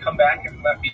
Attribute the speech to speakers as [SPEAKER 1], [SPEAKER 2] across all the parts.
[SPEAKER 1] come back and let me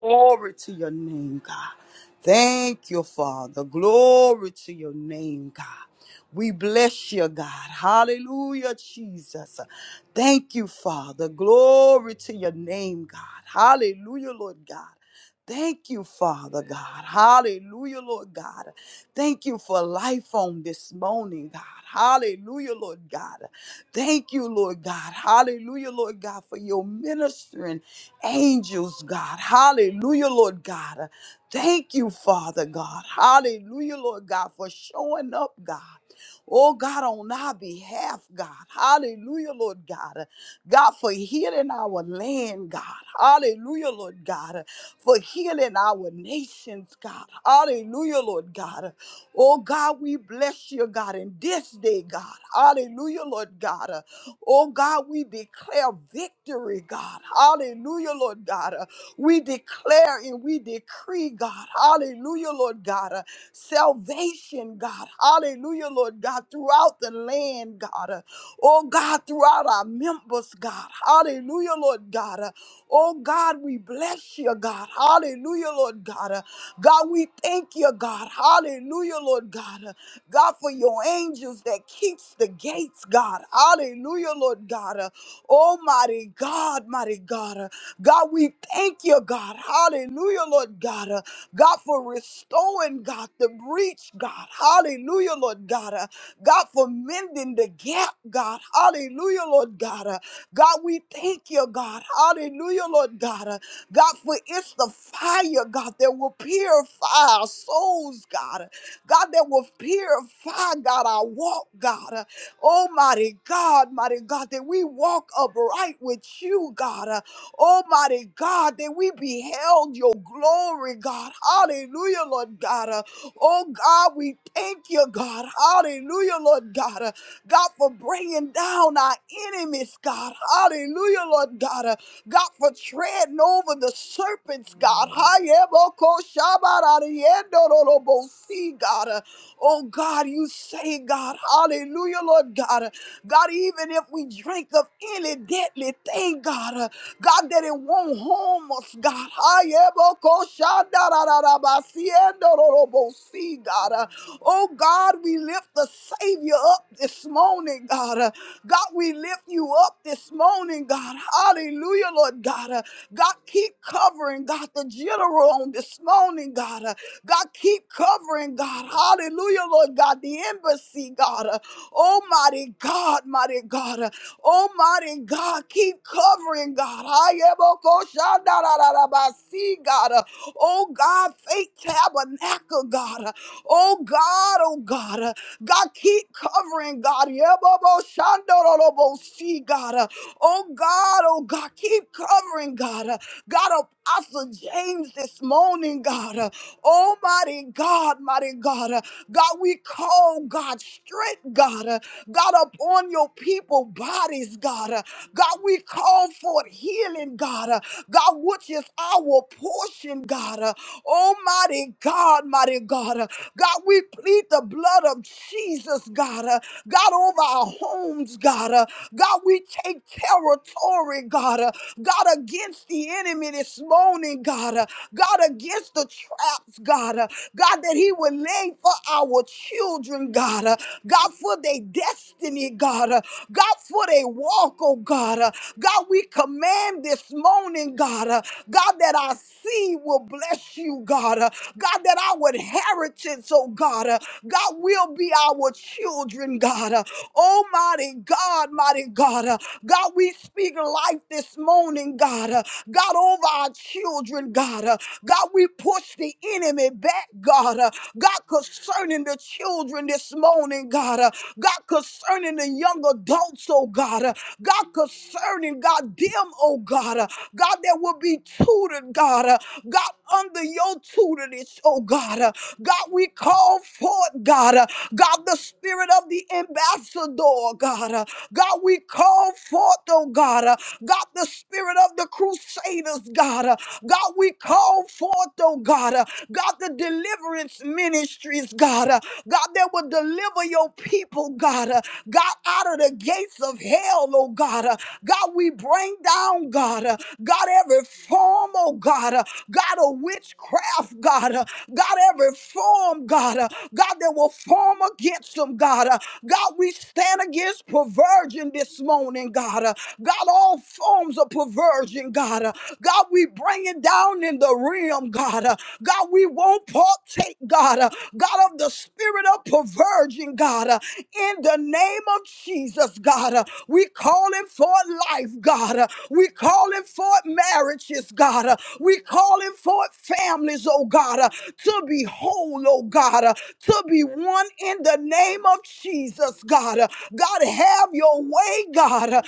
[SPEAKER 2] Glory to your name, God. Thank you, Father. Glory to your name, God. We bless you, God. Hallelujah, Jesus. Thank you, Father. Glory to your name, God. Hallelujah, Lord God. Thank you, Father God. Hallelujah, Lord God. Thank you for life on this morning, God. Hallelujah, Lord God. Thank you, Lord God. Hallelujah, Lord God, for your ministering angels, God. Hallelujah, Lord God. Thank you, Father God. Hallelujah, Lord God, for showing up, God. Oh God, on our behalf, God. Hallelujah, Lord God. God, for healing our land, God. Hallelujah, Lord God. For healing our nations, God. Hallelujah, Lord God. Oh God, we bless you, God, in this day, God. Hallelujah, Lord God. Uh, Oh God, we declare victory, God. Hallelujah, Lord God. Uh, We declare and we decree, God. Hallelujah, Lord God. Uh, Salvation, God. Hallelujah, Lord God, throughout the land, God. Uh, Oh God, throughout our members, God. Hallelujah, Lord God. Uh, Oh God, we bless you, God. Hallelujah, Lord God. Uh, God, we thank you, God. Hallelujah, Lord God. Uh, God, for your angels that keeps the gates, God. Hallelujah, Lord God. Uh, Almighty mighty God, mighty God. Uh, God, we thank you, God. Hallelujah, Lord God. Uh, God, for restoring, God, the breach, God. Hallelujah, Lord God. Uh, God, for mending the gap, God. Hallelujah, Lord God. Uh, God, we thank you, God. Hallelujah, Lord God. Uh, God, for it's the fire, God, that will purify our souls, God. God, that will purify, God, our walk, God. Oh, mighty God, mighty God, that we walk upright with you, God. Uh, Almighty God, that we beheld your glory, God. Hallelujah, Lord God. Uh, Oh God, we thank you, God. Hallelujah, Lord God. God, for bringing down our enemies, God. Hallelujah, Lord God. Uh, God, for treading over the serpents, God. Hayeboko God. Uh, Oh, God, you say, God. Hallelujah, Lord God. Uh, God, even if we drink of any deadly thing, God, uh, God, they didn't want homeless, God. Ayebokoshandararabasiendororobosi, God. Uh, Oh, God, we lift the Savior up this morning, God. Uh, God, we lift you up this morning, God. Hallelujah, Lord God. Uh, God, keep covering, God, the general on this morning, God. Uh, God, keep covering, God. Hallelujah, Lord God. The embassy, God. Uh, Almighty God, mighty God. Almighty God, keep covering, God. See, God. Uh, Oh, God, faith tabernacle, God. Oh God, oh God, uh, God, keep covering, God. Yeboboshandorobosi, God. uh, Oh God, oh God, keep covering, God. uh, God, Apostle James this morning, God. uh, Oh mighty God, mighty God. uh, God, we call God strength, God. uh, God, upon your people bodies, God. uh, God, we call for healing, God. uh, God, which is our portion, God. uh, Almighty Mighty God, mighty God. Uh, God, we plead the blood of Jesus, God. Uh, God, over our homes, God. Uh, God, we take territory, God. Uh, God, against the enemy this morning, God. Uh, God, against the traps, God. Uh, God, that he would lay for our children, God. Uh, God, for their destiny, God. Uh, God, for their walk, oh God. Uh, God, we command this morning, God. Uh, God, that our seed will bless you, God. Uh, God, that our inheritance, oh God, uh, God will be our children, God. Uh, oh, mighty God, mighty God. Uh, God, we speak life this morning, God. Uh, God, over our children, God. Uh, God, we push the enemy back, God. Uh, God, concerning the children this morning, God. Uh, God, concerning the young adults, oh God. Uh, God, concerning, God, them, oh God. Uh, God, that will be tutored, God. Uh, God, under your tutelage, oh God. Uh, God, we call forth, God. Uh, God, the spirit of the ambassador, God. Uh, God, we call forth, oh God. Uh, God, the spirit of the crusaders, God. Uh, God, we call forth, oh God. Uh, God, the deliverance ministries, God. Uh, God, that will deliver your people, God. Uh, God, out of the gates of hell, oh God. Uh, God, we we bring down, God, uh, God, every form, oh God, uh, God of witchcraft, God, uh, God, every form, God, uh, God, that will form against them, God. uh, God, we stand against perversion this morning, God. uh, God, all forms of perversion, God. uh, God, we bring it down in the realm, God. uh, God, we won't partake, God. uh, God, of the spirit of perversion, God. uh, in the name of Jesus, God. uh, we calling for life, God. We calling for marriages, God. We calling for families, oh God, to be whole, oh God, to be one in the name of Jesus, God. God, have your way, God.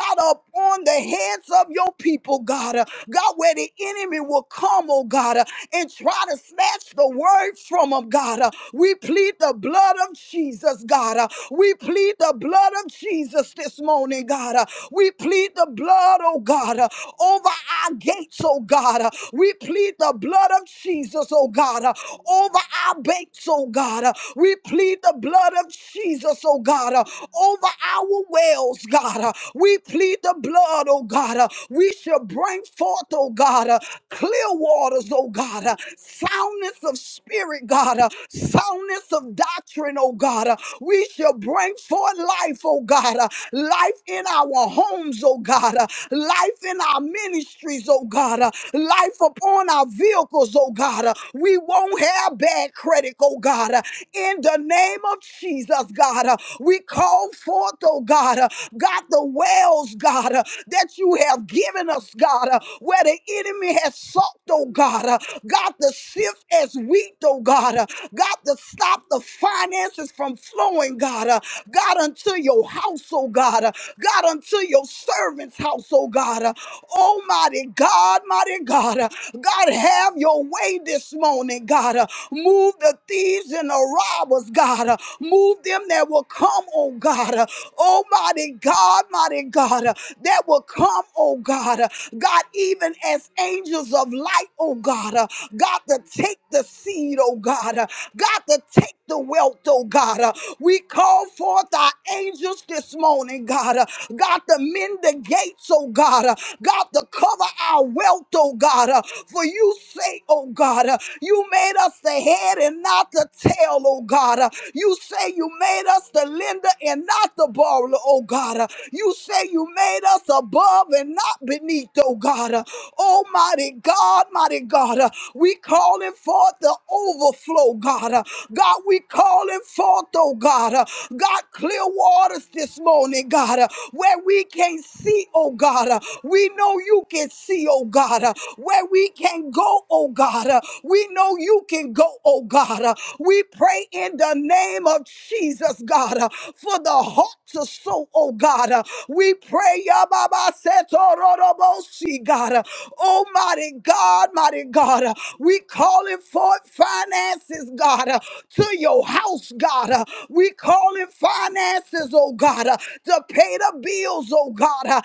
[SPEAKER 2] God, upon the heads of your people, God. God, where the enemy will come, oh God, uh, and try to snatch the word from them, God. Uh, We plead the blood of Jesus, God. Uh, We plead the blood of Jesus this morning, God. Uh, We plead the blood, oh God, uh, over our gates, oh God. Uh, We plead the blood of Jesus, oh God, uh, over our banks, oh God. Uh, We plead the blood of Jesus, oh God, uh, over our wells, God. Uh, We plead plead the blood, oh God. Uh, We shall bring forth, oh God, uh, clear waters, oh God, uh, soundness of spirit, God, uh, soundness of doctrine, oh God. Uh, We shall bring forth life, oh God, uh, life in our homes, oh God, uh, life in our ministries, oh God, uh, life upon our vehicles, oh God. Uh, We won't have bad credit, oh God. Uh, In the name of Jesus, God, uh, we call forth, oh God, uh, God, the wells, God, uh, that you have given us, God, uh, where the enemy has sought, oh God, uh, God, the sift as wheat, oh God, uh, God, to stop the finances from flowing, God, uh, God, unto your house, oh God, uh, God, unto your servant's house, oh God, uh, Almighty God, mighty God, uh, God, have your way this morning, God. Uh, Move the thieves in the the robbers, God. Uh, Move them that will come, oh God. Uh, Almighty God, mighty God, uh, that will come, oh God. Uh, God, even as angels of light, oh God. Uh, God, to take the seed, oh God. Uh, God, to take the wealth, oh God. Uh, We call forth our angels this morning, God. Uh, God, to mend the gates, oh God. Uh, God, to cover our wealth, oh God. Uh, For you say, oh God. God. You made us the head and not the tail, oh God. You say you made us the lender and not the borrower, oh God. You say you made us above and not beneath, oh God. Almighty God, mighty God, we calling forth the overflow, God. God, we calling forth, oh God. God, clear waters this morning, God, where we can't see, oh God. We know you can see, oh oh God. Uh, Where we can go, oh God. Uh, We know you can go, oh God. Uh, We pray in the name of Jesus, God, uh, for the heart to soul, oh God. Uh, We pray, Yababa Setororobosi, God. Uh, Almighty God, mighty God. Uh, We calling forth finances, God, uh, to your house, God. Uh, We calling finances, oh God, uh, to pay the bills, oh God. God, uh,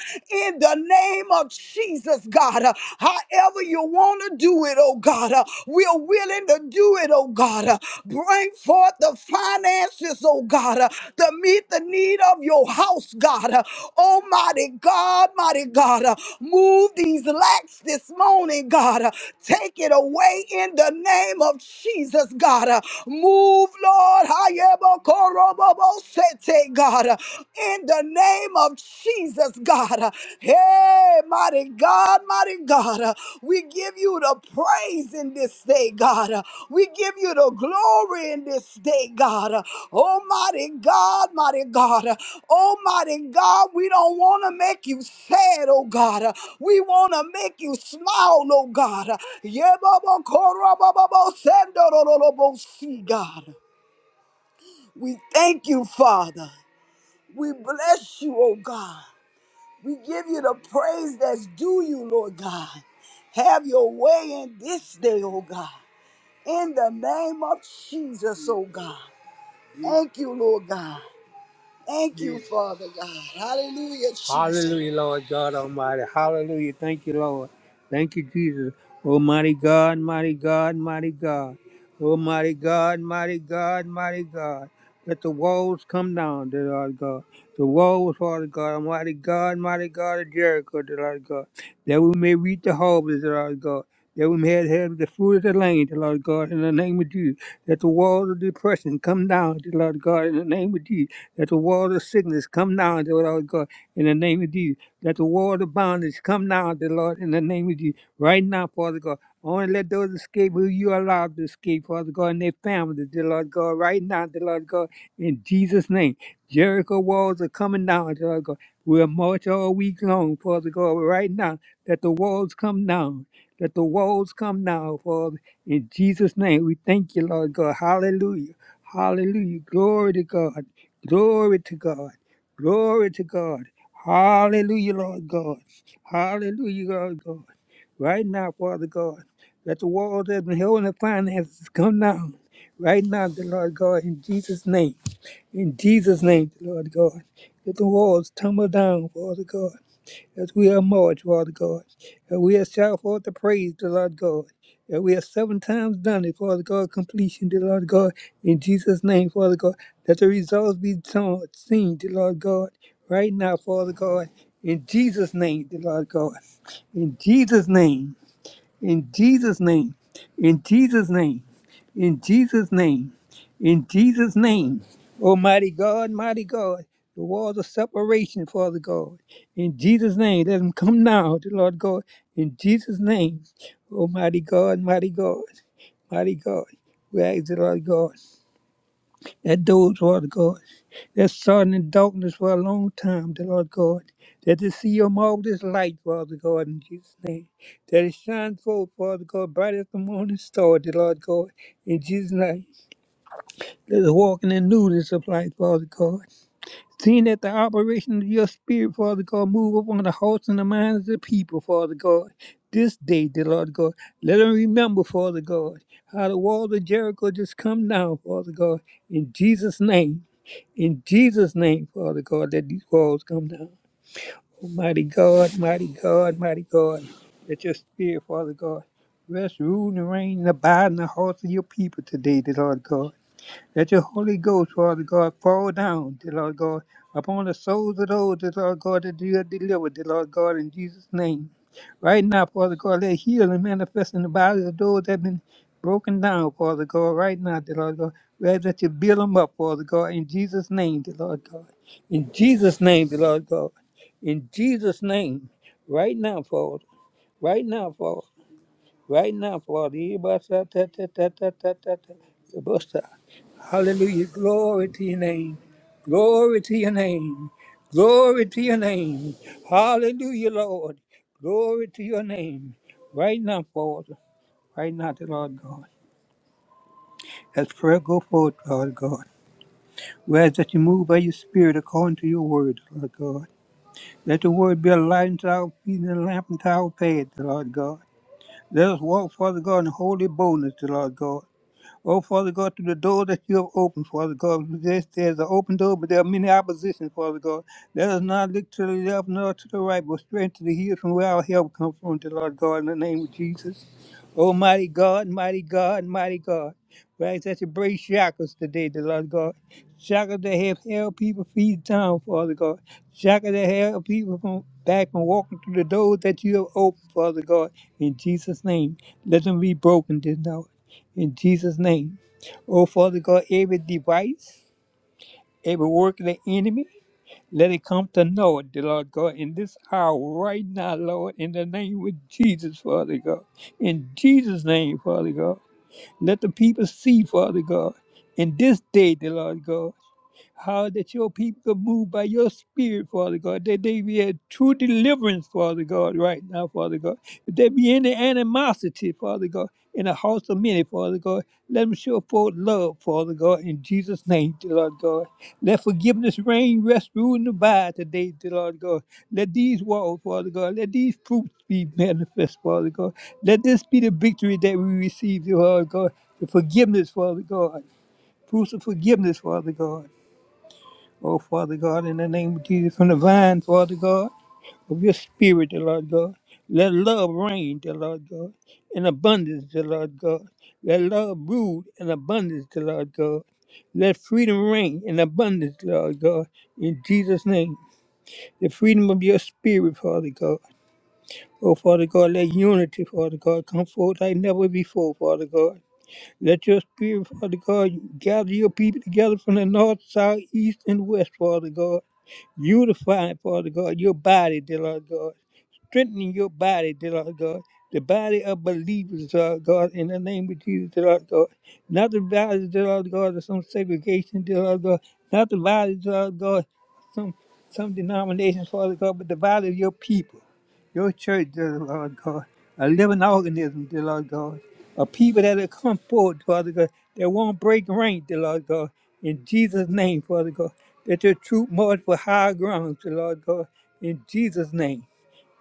[SPEAKER 2] in the name of Jesus, God. uh, However you want to do it, oh God, uh, we're willing to do it, oh God. uh, Bring forth the finances, oh God, uh, to meet the need of your house, God. uh, Almighty God, mighty God, uh, move these lacks this morning, God. uh, Take it away in the name of Jesus, God. uh, Move, Lord. God, uh, in the name of Jesus, God. uh, Hey, mighty God, mighty God, uh, we give you the praise in this day, God. uh, We give you the glory in this day, God. uh, Almighty God, mighty God, uh, Almighty God, we don't want to make you sad, oh God. uh, We want to make you smile, oh God. uh, Yebabakorobababosenderololobosi, God. We thank you, Father. We bless you, oh God. We give you the praise that's due you, Lord God. Have your way in this day, oh God. In the name of Jesus, oh God. Thank you, Lord God. Thank you, Father God. Hallelujah, Jesus. Hallelujah, Lord God Almighty. Hallelujah. Thank you, Lord. Thank you, Jesus. Almighty God, mighty God, mighty God. Almighty God, mighty God, mighty God. Let the walls come down, dear Lord God. The walls, Father God, Almighty God, mighty God of Jericho, dear Lord God. That we may reap the harvest, dear Lord God. That we may have the fruit of the land, dear Lord God, in the name of Jesus. Let the walls of depression come down, dear Lord God, in the name of Jesus. Let the wall of sickness come now, dear Lord God, in the name of Jesus. Let the wall of bondage come now, dear Lord, in the name of Jesus. Right now, Father God. Only let those escape who you allow to escape, Father God, and their families, dear Lord God, right now, dear Lord God, in Jesus' name. Jericho walls are coming down, dear Lord God. We'll march all week long, Father God, right now. Let the walls come down. Let the walls come down, Father. In Jesus' name, we thank you, Lord God. Hallelujah. Hallelujah. Glory to God. Glory to God. Glory to God. Hallelujah, Lord God. Hallelujah, Lord God. Right now, Father God, let the walls that have been holding the finances come down. Right now, the Lord God, in Jesus' name. In Jesus' name, the Lord God. Let the walls tumble down, Father God as we are march, Father God. And we have shout forth the praise, the Lord God. And we have seven times done it, Father God, completion, the Lord God. In Jesus' name, Father God, that the results be shown- seen, the Lord God, right now, Father God. In Jesus' name, the Lord God. In Jesus' name. In Jesus' name. In Jesus' name. In Jesus' name. In Jesus' name. Almighty God, mighty God. The walls of separation, Father God. In Jesus' name. Let them come now, dear Lord God. In Jesus' name. Almighty God, mighty God, mighty God. We ask the Lord God that those, Lord God, that's starting in darkness for a long time, the Lord God, that they see your marvelous light, Father God, in Jesus' name, that it shine forth, Father God, bright as the morning star, the Lord God, in Jesus' name, that is walking in the newness of life, Father God. Seeing that the operation of your spirit, Father God, move upon the hearts and the minds of the people, Father God. This day, dear Lord God, let them remember, Father God, how the walls of Jericho just come down, Father God, in Jesus' name. In Jesus' name, Father God, let these walls come down. Almighty God, mighty God, mighty God, let your spirit, Father God, rest, rule, and reign, and abide in the hearts of your people today, dear Lord God. Let your Holy Ghost, Father God, fall down, dear Lord God, upon the souls of those, dear Lord God, that you have delivered, dear Lord God, in Jesus' name. Right now, Father God, let healing manifest in the bodies of those that have been broken down, Father God, right now, dear Lord God. We ask that you build them up, Father God, in Jesus' name, dear Lord God. In Jesus' name, dear Lord God. In Jesus' name, right now, Father. Right now, Father. Right now, Father. Everybody shout, ta, ta, ta, ta, ta, ta, ta. Hallelujah. Glory to your name. Glory to your name. Glory to your name. Hallelujah, Lord. Glory to your name. Right now, Father. Right now, the Lord God. As prayer go forth, Lord God. We ask that you move by your spirit according to your word, Lord God. Let the word be a light unto our feet and a lamp unto our path, Lord God. Let us walk, Father God, in holy boldness, Lord God. Oh, Father God, through the door that you have opened, Father God, yes, there's an open door, but there are many oppositions, Father God. Let us not look to the left nor to the right, but straight to the hills from where our help comes from, the Lord God, in the name of Jesus. Almighty God, mighty God, mighty God. We ask that you break shackles today, the Lord God. Shackles that have held people feet down, Father God. Shackles that held people from back from walking through the doors that you have opened, Father God. In Jesus' name, let them be broken this now. In Jesus' name. Oh, Father God, every device, every work of the enemy, let it come to know it, dear Lord God, in this hour right now, Lord, in the name of Jesus, Father God. In Jesus' name, Father God. Let the people see, Father God, in this day, dear Lord God. How that your people can move by your spirit, Father God, that they be a true deliverance, Father God, right now, Father God. If there be any animosity, Father God, in the hearts of many, Father God, let them show forth love, Father God, in Jesus' name, dear Lord God. Let forgiveness reign, rest, rule, and abide today, dear Lord God. Let these walls, Father God, let these fruits be manifest, Father God. Let this be the victory that we receive, dear Lord God. The forgiveness, Father God. Fruits of forgiveness, Father God Oh, Father God, in the name of Jesus, from the vine, Father God, of your spirit, dear Lord God. Let love reign, dear Lord God, in abundance, dear Lord God. Let love rule in abundance, dear Lord God. Let freedom reign in abundance, dear Lord God, in Jesus' name. The freedom of your spirit, Father God. Oh, Father God, let unity, Father God, come forth like never before, Father God. Let your spirit, Father God, gather your people together from the north, south, east, and west, Father God. Unify, Father God, your body, dear Lord God strengthening your body, dear Lord God. The body of believers, dear Lord God, in the name of Jesus, dear Lord God. Not the body, dear Lord God, of some segregation, dear Lord God. Not the body, dear Lord God, some some denominations, Father God, but the body of your people, your church, dear Lord God. A living organism, dear Lord God. A people that will come forward, Father God, that won't break rank, dear Lord God. In Jesus' name, Father God. That your truth march for higher grounds, dear Lord God. In Jesus' name.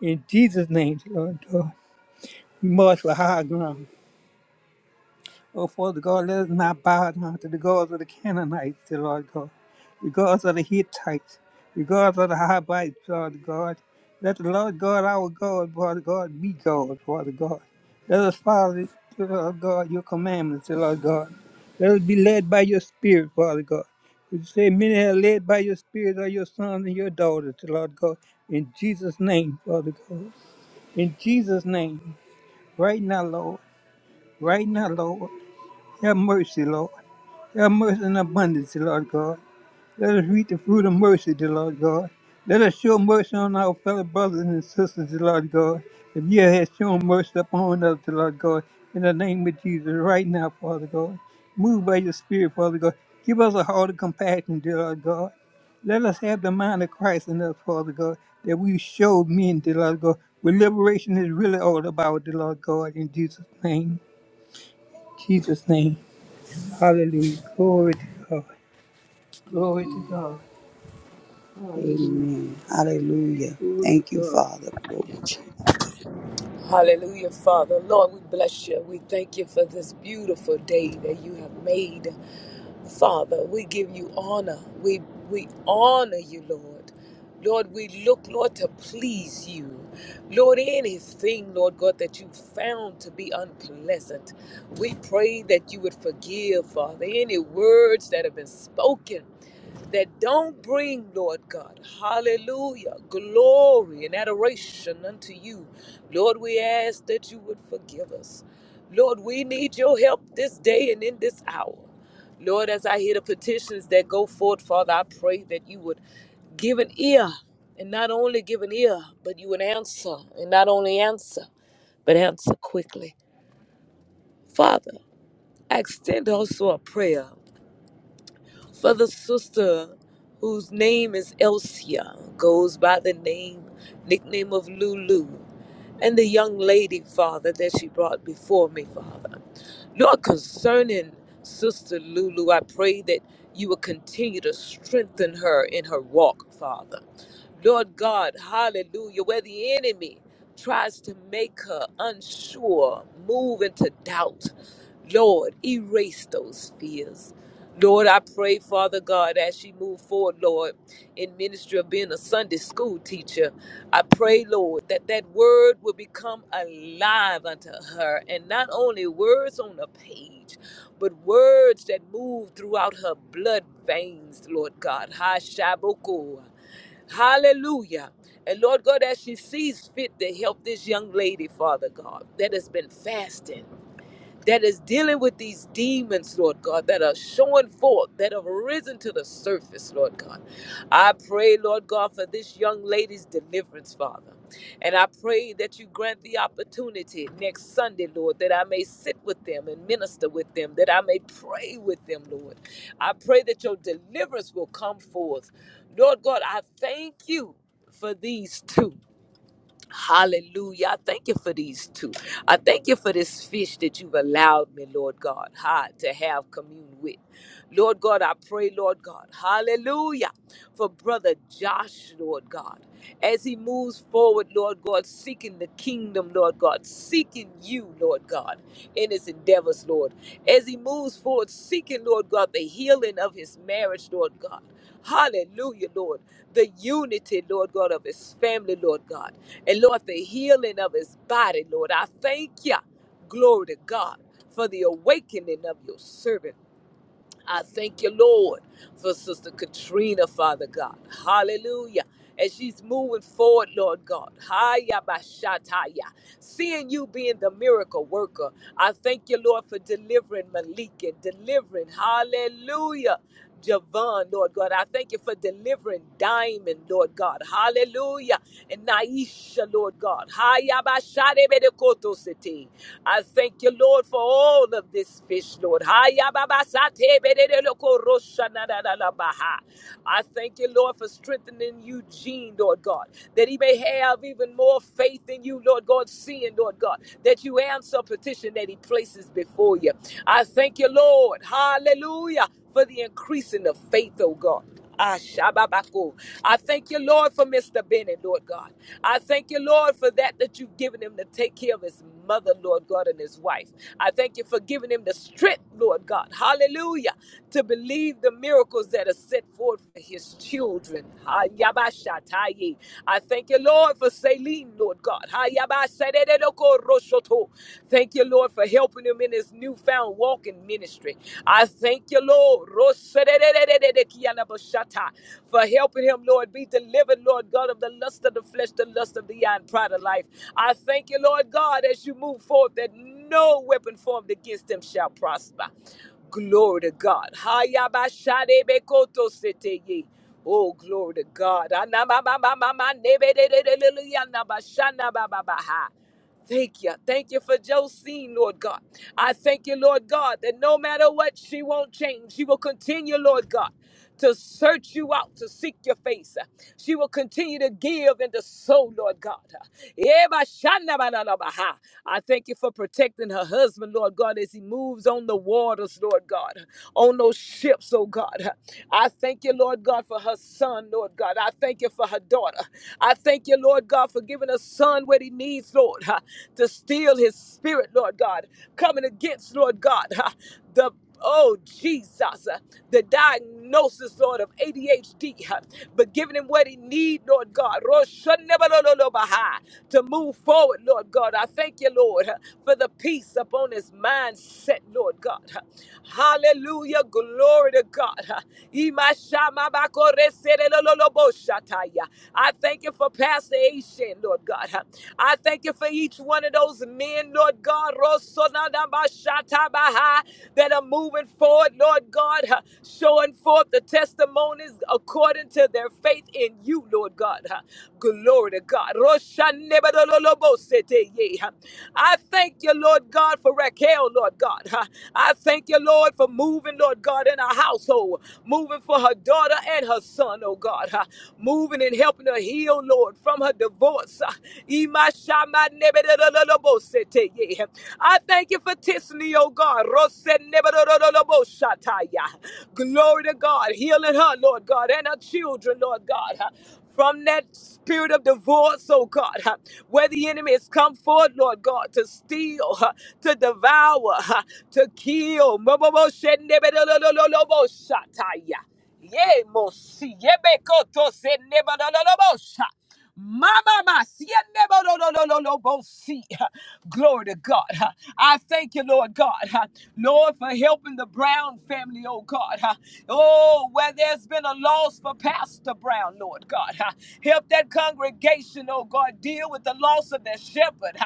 [SPEAKER 2] In Jesus' name, Lord God, you march for high ground. Oh, Father God, let us not bow down to the gods of the Canaanites, dear Lord God, the gods of the Hittites, the gods of the Hivites, Lord God. Let the Lord God, our God, Father God, be God, Father God. Let us follow, dear Lord God, your commandments, dear Lord God. Let us be led by your Spirit, Father God. You say many are led by your Spirit are your sons and your daughters, dear Lord God. In Jesus' name, Father God. In Jesus' name. Right now, Lord. Right now, Lord. Have mercy, Lord. Have mercy in abundance, Lord God. Let us reap the fruit of mercy, dear Lord God. Let us show mercy on our fellow brothers and sisters, dear Lord God. If you have shown mercy upon us, dear Lord God, in the name of Jesus, right now, Father God. Move by your Spirit, Father God. Give us a heart of compassion, dear Lord God. Let us have the mind of Christ in us, Father God, that we show men, dear Lord God, what liberation is really all about, dear Lord God, in Jesus' name. Jesus' name. Hallelujah. Glory to God. Glory to God. Hallelujah. Amen. Hallelujah. Glory Thank to you, God. Father. Glory to you.
[SPEAKER 1] Hallelujah, Father. Lord, we bless you. We thank you for this beautiful day that you have made. Father, we give you honor. We we honor you, Lord. Lord, we look, Lord, to please you. Lord, anything, Lord God, that you found to be unpleasant, we pray that you would forgive, Father, any words that have been spoken that don't bring, Lord God, hallelujah, glory and adoration unto you. Lord, we ask that you would forgive us. Lord, we need your help this day and in this hour. Lord, as I hear the petitions that go forth, Father, I pray that you would give an ear, and not only give an ear, but you would answer, and not only answer, but answer quickly. Father, I extend also a prayer for the sister whose name is Elsia, goes by the name, nickname of Lulu, and the young lady, Father, that she brought before me, Father. Lord, concerning Sister Lulu, I pray that you will continue to strengthen her in her walk, Father. Lord God, hallelujah, where the enemy tries to make her unsure, move into doubt. Lord, erase those fears. Lord, I pray, Father God, as she move forward, Lord, in ministry of being a Sunday school teacher. I pray, Lord, that that word will become alive unto her, and not only words on a page, but words that move throughout her blood veins, Lord God. Ha shaboko. Hallelujah. And Lord God, as she sees fit to help this young lady, Father God, that has been fasting that is dealing with these demons, Lord God, that are showing forth, that have risen to the surface, Lord God. I pray, Lord God, for this young lady's deliverance, Father. And I pray that you grant the opportunity next Sunday, Lord, that I may sit with them and minister with them, that I may pray with them, Lord. I pray that your deliverance will come forth. Lord God, I thank you for these two. Hallelujah. I thank you for these two. I thank you for this fish that you've allowed me, Lord God, ha, to have commune with. Lord God, I pray, Lord God, hallelujah, for brother Josh, Lord God, as he moves forward, Lord God, seeking the kingdom, Lord God, seeking you, Lord Lord God, in his endeavors, Lord. As he moves forward, seeking, Lord God, the healing of his marriage, Lord God. Hallelujah, Lord. The unity, Lord God, of his family, Lord God. And Lord, the healing of his body, Lord. I thank you. Glory to God for the awakening of your servant. I thank you, Lord, for Sister Katrina, Father God. Hallelujah. As she's moving forward, Lord God, Haya Bashataya, seeing you being the miracle worker, I thank you, Lord, for delivering Malik and delivering, hallelujah, Javon, Lord God. I thank you for delivering Diamond, Lord God. Hallelujah. And Naisha, Lord God. Hayabashadebedekoto-sete. I thank you, Lord, for all of this fish, Lord. Hayababasatebededokoroshanalalalabaha. I thank you, Lord, for strengthening Eugene, Lord God, that he may have even more faith in you, Lord God, seeing, Lord God, that you answer petition that he places before you. I thank you, Lord. Hallelujah for the increasing of faith, oh God. Ah, shababako. I thank you, Lord, for Mr. Bennett, Lord God. I thank you, Lord, for that that you've given him to take care of his mother, Lord God, and his wife. I thank you for giving him the strength, Lord God. Hallelujah. To believe the miracles that are set forth for his children. Ah, yabashataye. I thank you, Lord, for Celine, Lord God. Ah, yabasaderoko roshoto. Thank you, Lord, for helping him in his newfound walking ministry. I. I thank you, Lord, Rosedededededekiyalabashata, for helping him, Lord, be delivered, Lord God, of the lust of the flesh, the lust of the eye, and pride of life. I thank you, Lord God, as you move forth, that no weapon formed against him shall prosper. Glory to God. Hayabashadebekotosete. Oh, glory to God. Anamamamamamanebedededeleliyanamashanababa. Thank you. Thank you for Josine, Lord God. I thank you, Lord God, that no matter what, she won't change. She will continue, Lord God, to search you out, to seek your face. She will continue to give and to sow, Lord God. Ebashanabalabaha. I thank you for protecting her husband, Lord God, as he moves on the waters, Lord God, on those ships, oh God. I thank you, Lord God, for her son, Lord God. I thank you for her daughter. I thank you, Lord God, for giving her son what he needs, Lord. Lord, huh, to steal his spirit, Lord God, coming against, Lord God, huh, the Oh Jesus, uh, the diagnosis, Lord, of ADHD, huh, but giving him what he need, Lord God, Roshanebalolobaha, to move forward, Lord God. I thank you, Lord, huh, for the peace upon his mindset, Lord God. huh. Hallelujah, glory to God. huh. Imashamabakoresereloloboshataya. I thank you for Pastor Asian, Lord God. huh. I thank you you for each one of those men, Lord God, Rosonadabashatabaha, that are moving forward, Lord God, huh, showing forth the testimonies according to their faith in you, Lord God. huh. Glory to God. Roshanebadololobosete, yeah, huh. I thank you, Lord God, for Raquel, Lord God. huh. I thank you, Lord, for moving, Lord God, in our household, moving for her daughter and her son, oh God. huh. Moving and helping her heal, Lord, from her divorce. huh. I thank you for Tiffany, oh God. Glory to God. Healing her, Lord God, and her children, Lord God. From that spirit of divorce, oh God, huh, where the enemy has come forth, Lord God, to steal, huh, to devour, huh, to kill. Moboboshenebedolobosataya. Ye mosi yebe koto se neba no no no bosha. Mama masi neba no no no no no bosi. Glory to God. I thank you, Lord God. Lord, for helping the Brown family, oh God. Oh, where there's been a loss for Pastor Brown, Lord God. Help that congregation, oh God, deal with the loss of their shepherd.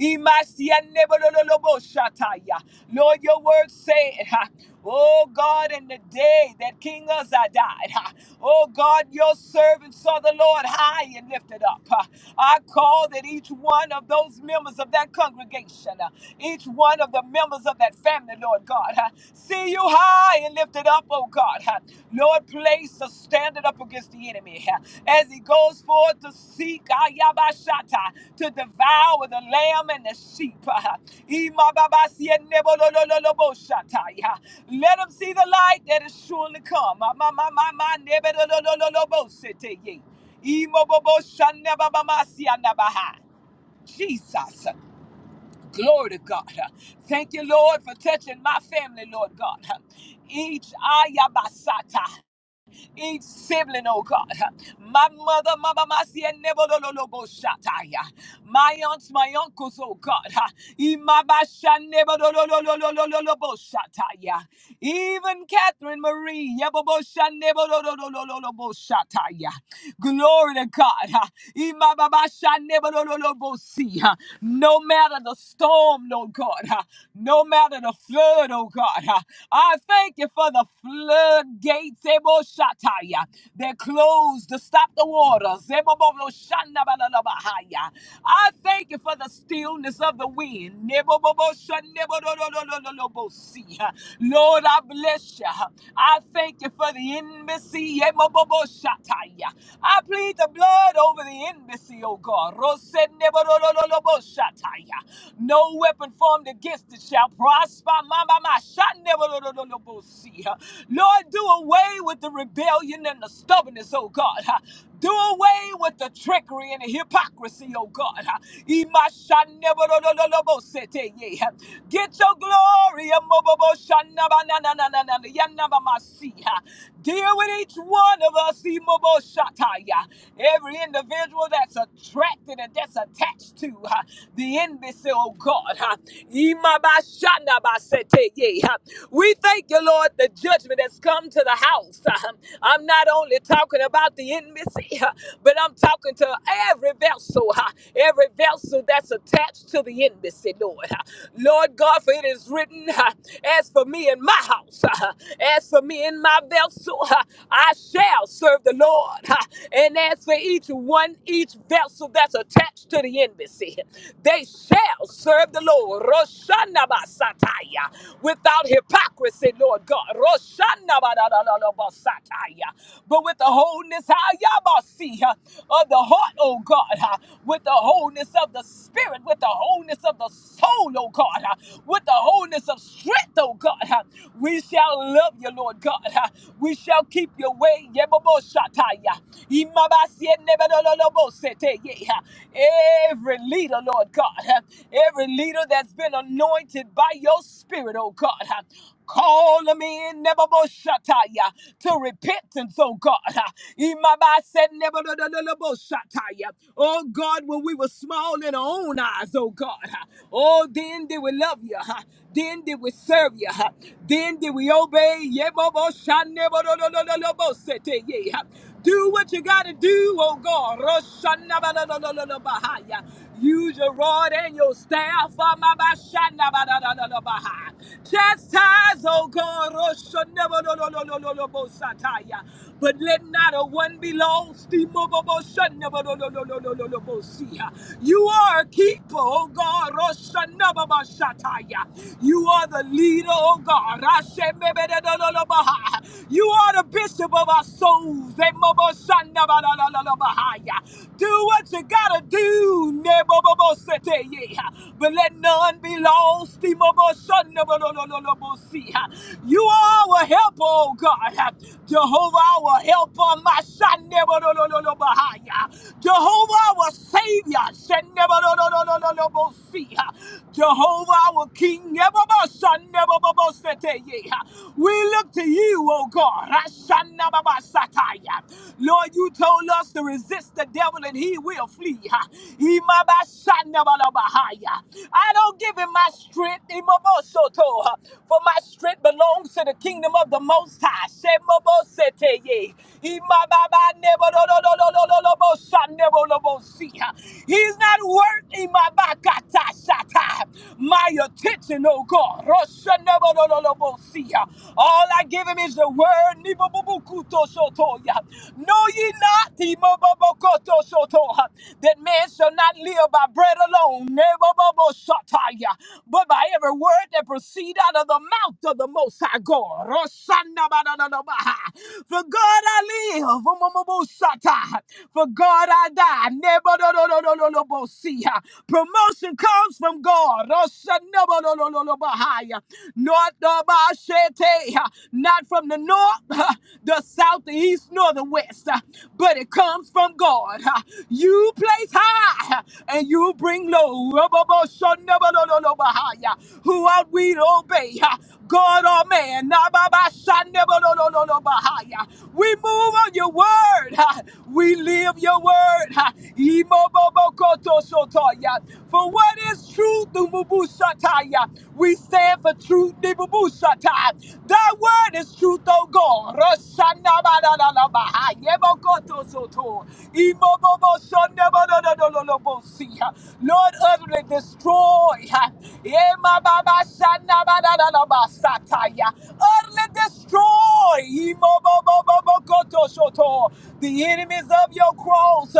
[SPEAKER 1] Imasi neba no no no bosha taya. Lord, your word said, Oh God, in the day that King Uzziah died, ha, oh God, your servant saw the Lord high and lifted up. I call that each one of those members of that congregation, uh, each one of the members of that family, Lord God, uh, see you high and lifted up, oh God. Uh, Lord, place a standard up against against the enemy as he goes forth to seek Ayabashata to devour the lamb and the sheep. Imababasiennebolololoboshataya. Let him see the light that is surely come. Amamamamanebolololobositeye. Imoboboshanebabamasianabaha. Jesus. Glory to God. Thank you, Lord, for touching my family, Lord God. Each ayabasata each sibling, oh God. My mother, Mama Masia, Nebololobo Shataya. My aunts, my uncles, oh God. Imabasha Nebololobo Shataya. Even Catherine Marie, Yabobosha Nebololobo Shataya. Glory to God. Imababasha Nebololobo Si. No matter the storm, oh God. No matter the flood, oh God. I thank you for the floodgates. They're closed to stop the water. Zeboboboshandabalabahaya. I thank you for the stillness of the wind. Neboboboshandebodododododolobosi. Lord, I bless you. I thank you for the embassy. Yemoboboshataya. I plead the blood over the embassy, oh God. Rosenebododododoloboshataya. No weapon formed against it shall prosper. Mama, my shot never. Lord, do away with the with the rebellion and the stubbornness, oh God. Ha. Do away with the trickery and the hypocrisy, oh God. Ha. Imashanebolololobosete, yeah. Ha. Get your glory. Amoboboshanabana- yanabamasi, ha. Deal with each one of us. Imoboshataya. Every individual that's attracted and that's attached to ha, the embassy, oh God. ha. Imabashanabasete, yeah, ha. We thank you, Lord, the judgment has come to the house house. I'm not only talking about the intimacy, but I'm talking to every vessel, every vessel that's attached to the intimacy, Lord. Lord God, for it is written, as for me and my house, as for me and my vessel, I shall serve the Lord. And as for each one, each vessel that's attached to the embassy, they shall serve the Lord. Roshana basataya, without hypocrisy, Lord God. Roshana but with the wholeness, see of the heart, oh God, ah, with the wholeness of the spirit, with the wholeness of the soul, oh God, ah, with the wholeness of strength, oh God, ah, we shall love you, Lord God. ah, We shall keep your way. Yeboboshataya, imabasienebedololobosete, yeah. Every leader, Lord God, ah, every leader that's been anointed by your spirit, oh God. ah, Call them in, Neboboshataya, to repentance, oh God. Imaba said, Neboboshataya. Oh God, when we were small in our own eyes, oh God. Oh, then did we love you. huh? Then did we serve you. huh? Then did we obey. Yeboboshanebobosete, yeah. Do what you gotta do, oh God. Roshanabalolololobahaya. Use your rod and your staff. ah, ma, ba, sha, na, ba, da, da, da, da, ba, ha. Chastise, O God, oh, sha, na, ba, do, do, do, do, do, do, bo, sa, ta, ya. but let not a one be lost. Di, mo, bo, bo, sha, na, ba, do, do, do, do, do, do, do, bo, si, ha. You are a keeper, oh God. oh, sha, na, ba, ba, sha, ta, ya. You are the leader, oh God. ah, she, me, be, da, do, do, do, ba, ha. You are the bishop of our souls. Eh, mo, bo, sha, na, ba, da, da, da, da, ba, ha, ya. Do what you gotta do. Nebobobosete, yeah. But let none be lost. Imoboshonobodololobosi. You are our help, oh God. Jehovah, our helper. My son, Jehovah, our savior. Shenebodololobosi. Jehovah, our king. Nebobobosonobobosete, yeah. We look to you, oh God. Rashanababasataya. Lord, you you told us to resist the devil and he will flee. Ha. Imabashandabalabahaya. I don't give him my strength, Imabosoto, ha, for my strength belongs to the kingdom of the Most High. Shemobosete, ye. ha. He's not worth Imabakatasha time, my attention, oh God. Roshanabadolobosia. All I give him is the word. Nibobubukutosotoya. Know ye not Dibobobokotosotoha, that man shall not live by bread alone, Nebobobosataya, but by every word that proceed out of the mouth of the Most High God. Roshanabadolobaha. For God I live, Omomobosata. for God I die. Nebododododolobosia. Promotion comes from God. Roshanabalololobahaya. North of Ashete, not from the north, uh, the south, the east, nor the west, uh, but it comes from God. Uh, You place high uh, and you bring low. Roboboshanabalololobahaya. Who ought we to obey? Uh, God or man? Nababashanabalololobahaya. We move on your word. Uh, We live your word. Uh, for what is truth, Dumubusataya? We stand for truth, Dumubusataya. Thy word is truth, O God. Rosanabadadadabaha, Yebokotosoto, Imobobosonabadadadadadabosiha. Lord, utterly destroy. ha, Yemababasanabadadadabasataya. Utterly destroy. Imobobobobokotosoto. The enemies of your cross,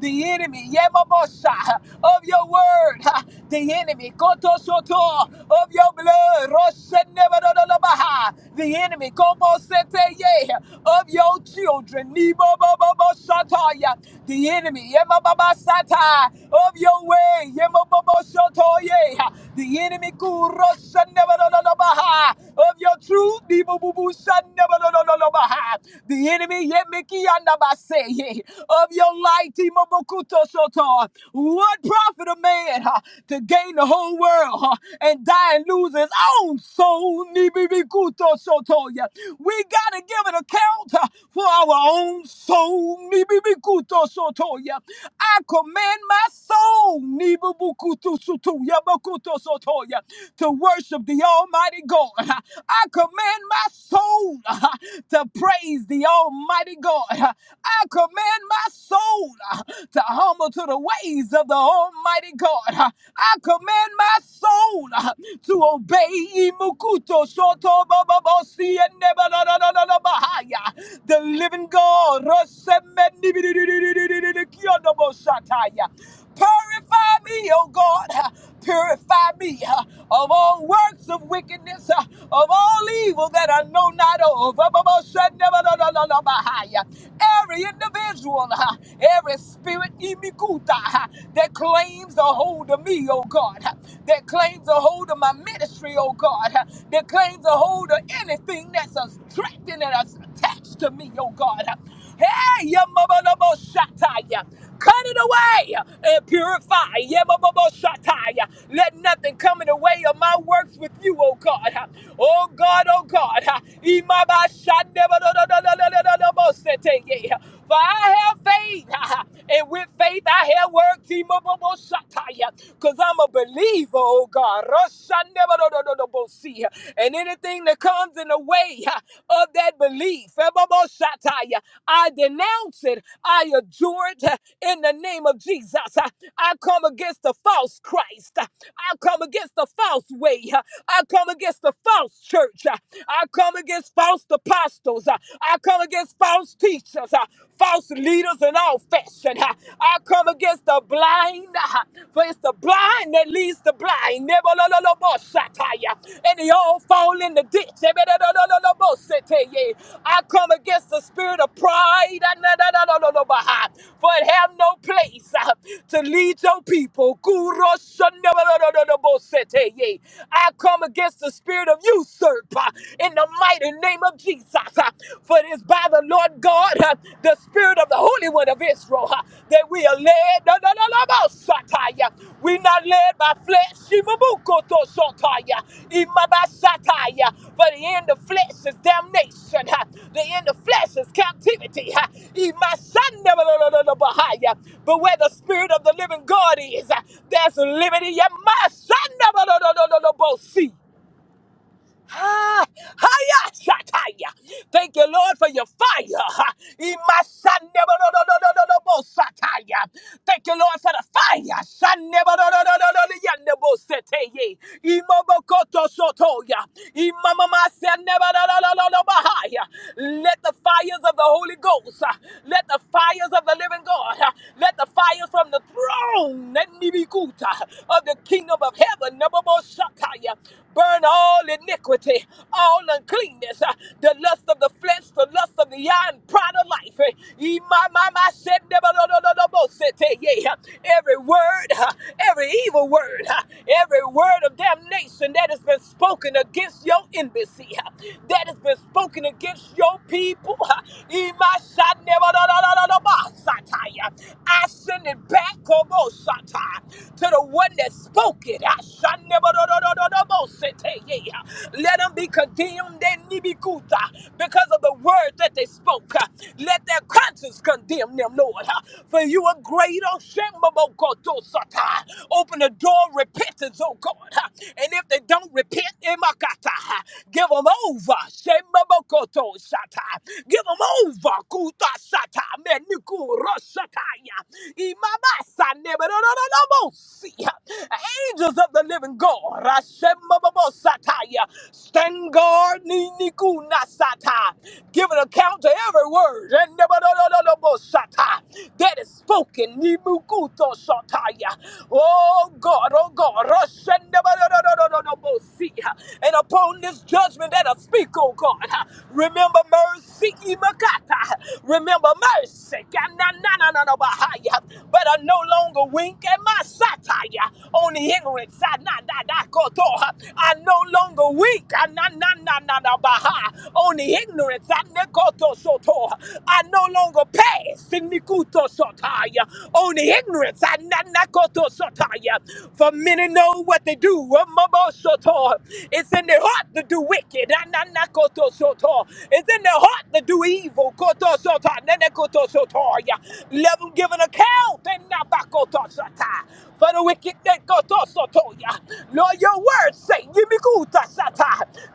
[SPEAKER 1] The the enemy, Yemamosha, of your word, ha, the enemy, Kotosoto, of your blood, Roshenebadodobaha, the enemy, Komoseteye, of your children, Nibobobobosataya, the enemy, Yemababasata, of your way, Yemabobosotoye, ha, the enemy, Kuroshenebadodobaha, of your truth, Nibobubusanebadodobaha, the enemy, Yemikianabaseye, of your life, Timobokuto Soto. What profit a man huh, to gain the whole world huh, and die and lose his own soul? Nibibikuto Soto. Yeah. We got to give an account huh, for our own soul. Nibibikuto Soto. Yeah. I command my soul Nibibukutu Sutu, Yabakuto Soto, yeah, to worship the Almighty God. huh. I command my soul uh, to praise the Almighty God. huh. Purify me, oh God. Uh, Purify me uh, of all works of wickedness, uh, of all evil that I know not of. Uh, but most shall never know, no, no, no, but I, uh, Every individual, uh, every spirit imikuta, uh, that claims a hold of me, oh God, uh, that claims a hold of my ministry, oh God, uh, that claims a hold of anything that's attracting and that's attached to me, oh God. uh, Hey, ya mama, no more shot, ah, ya. Cut it away and purify. Yebababoshataya. Let nothing come in the way of my works with you, oh God. Oh God, oh God. Imabashandebadadadadadadadabosete. For I have faith, and with faith I have works. Because I'm a believer, oh God. Roshandebadadadadabosi. And anything that comes in the way, way uh, of that belief. I denounce it. I adjure it uh, in the name of Jesus. Uh, I come against the false Christ. Uh, I come against the false way. Uh, I come against the false church. Uh, I come against false apostles. Uh, I come against false teachers, Uh, false leaders in all fashion. Uh, I come against the blind, Uh, for it's the blind blind that leads the blind. Nebololobosataya. And they all fall in the ditch. Ebedololobosetaye. I come against the spirit of pride. Anadadadadadabaha. For it have no place uh, to lead your people. Kuroshanebodododobosetaye. I come against the spirit of usurp uh, in the mighty name of Jesus. uh, For it is by the Lord God. God, uh, the spirit of the Holy One of Israel, uh, that we are led, no, no, no, no, no, Sataya. we not led by flesh, Shimabukoto Sotaya, Imabasataya. for the end of flesh is damnation, uh, the end of flesh is captivity, uh, Imasandabalololobahaya. but where the spirit of the living God is, uh, there's liberty, Yamasandabalololobosea. Ha! Ha!ya sataya! Thank you, Lord, for your fire. Imasanebo no no no no no no sataya! Thank you, Lord, for the fire. Sannebo no no no no no liyanebo sete ye. Imaboko tosoto ya. Imamama sannebo no no no no no bahya. Let the fires of the Holy Ghost, ah, let the fires of the Living God, ah, let the fires from the throne, let miyiguta of the kingdom of heaven, no more sataya, burn all in this iniquity, all uncleanness, uh, the lust of the flesh, the lust of the eye, and pride of life. eh. Ye my, my, my, said, never, no, no, no, no, no, said, eh, yeah. yeah. Every word, uh, every evil word, uh, every word of damnation that has been spoken against your embassy, uh, that has been spoken against your people. uh, ye my, shot, never, no, no, no, no, no, no, satire. I send it back, oh, no, satire, to the one that spoke it. I shot, never, no, no, no, no, no, no, said, eh, yeah. yeah. Let them be condemned in Nibikuta because of the word that they spoke. uh. Let their conscience condemn them, Lord. uh, For you are great, oh Shemabokotosata. Open the door, repentance, oh God. uh, And if they don't repent, Emakata, give them over. Shemabokotosata. Give them over. Kutasata. Menikuroshakaya. Imamasa neberonononomosi. Angels of the living God. Rashemabobosata. Stand guard, ni- ni- ku- na- sata, give an account to every word and never- no- no- no- no- bo- sata that is spoken. ni- mu- ku- to- sa- ya. Oh God, oh God, rush and never- no- no- no- no- no- no- bo- see. and upon this judgment that I speak, oh God, remember mercy, imakata. remember mercy, ka- na- na- na- na- na- ba- ha- ya. but I no longer wink at my satire on the ignorant side. na nah, nah, go, go. I no longer longer weak. Ah, na, na, na, na, na, baha. On the ignorance. Ah, nekoto soto. I no longer pass. Sinikuto sotaya. On the ignorance. Ah, na, na, koto sotaya. For many know what they do. Ah, mabo soto. It's in their heart to do wicked. Ah, na, na, koto soto. It's in their heart to do evil. Koto soto. Na, na, koto sotoya. Let them give an account. Ah, na, ba, koto sotaya. For the wicked that koto sotoya. Lord, your word say,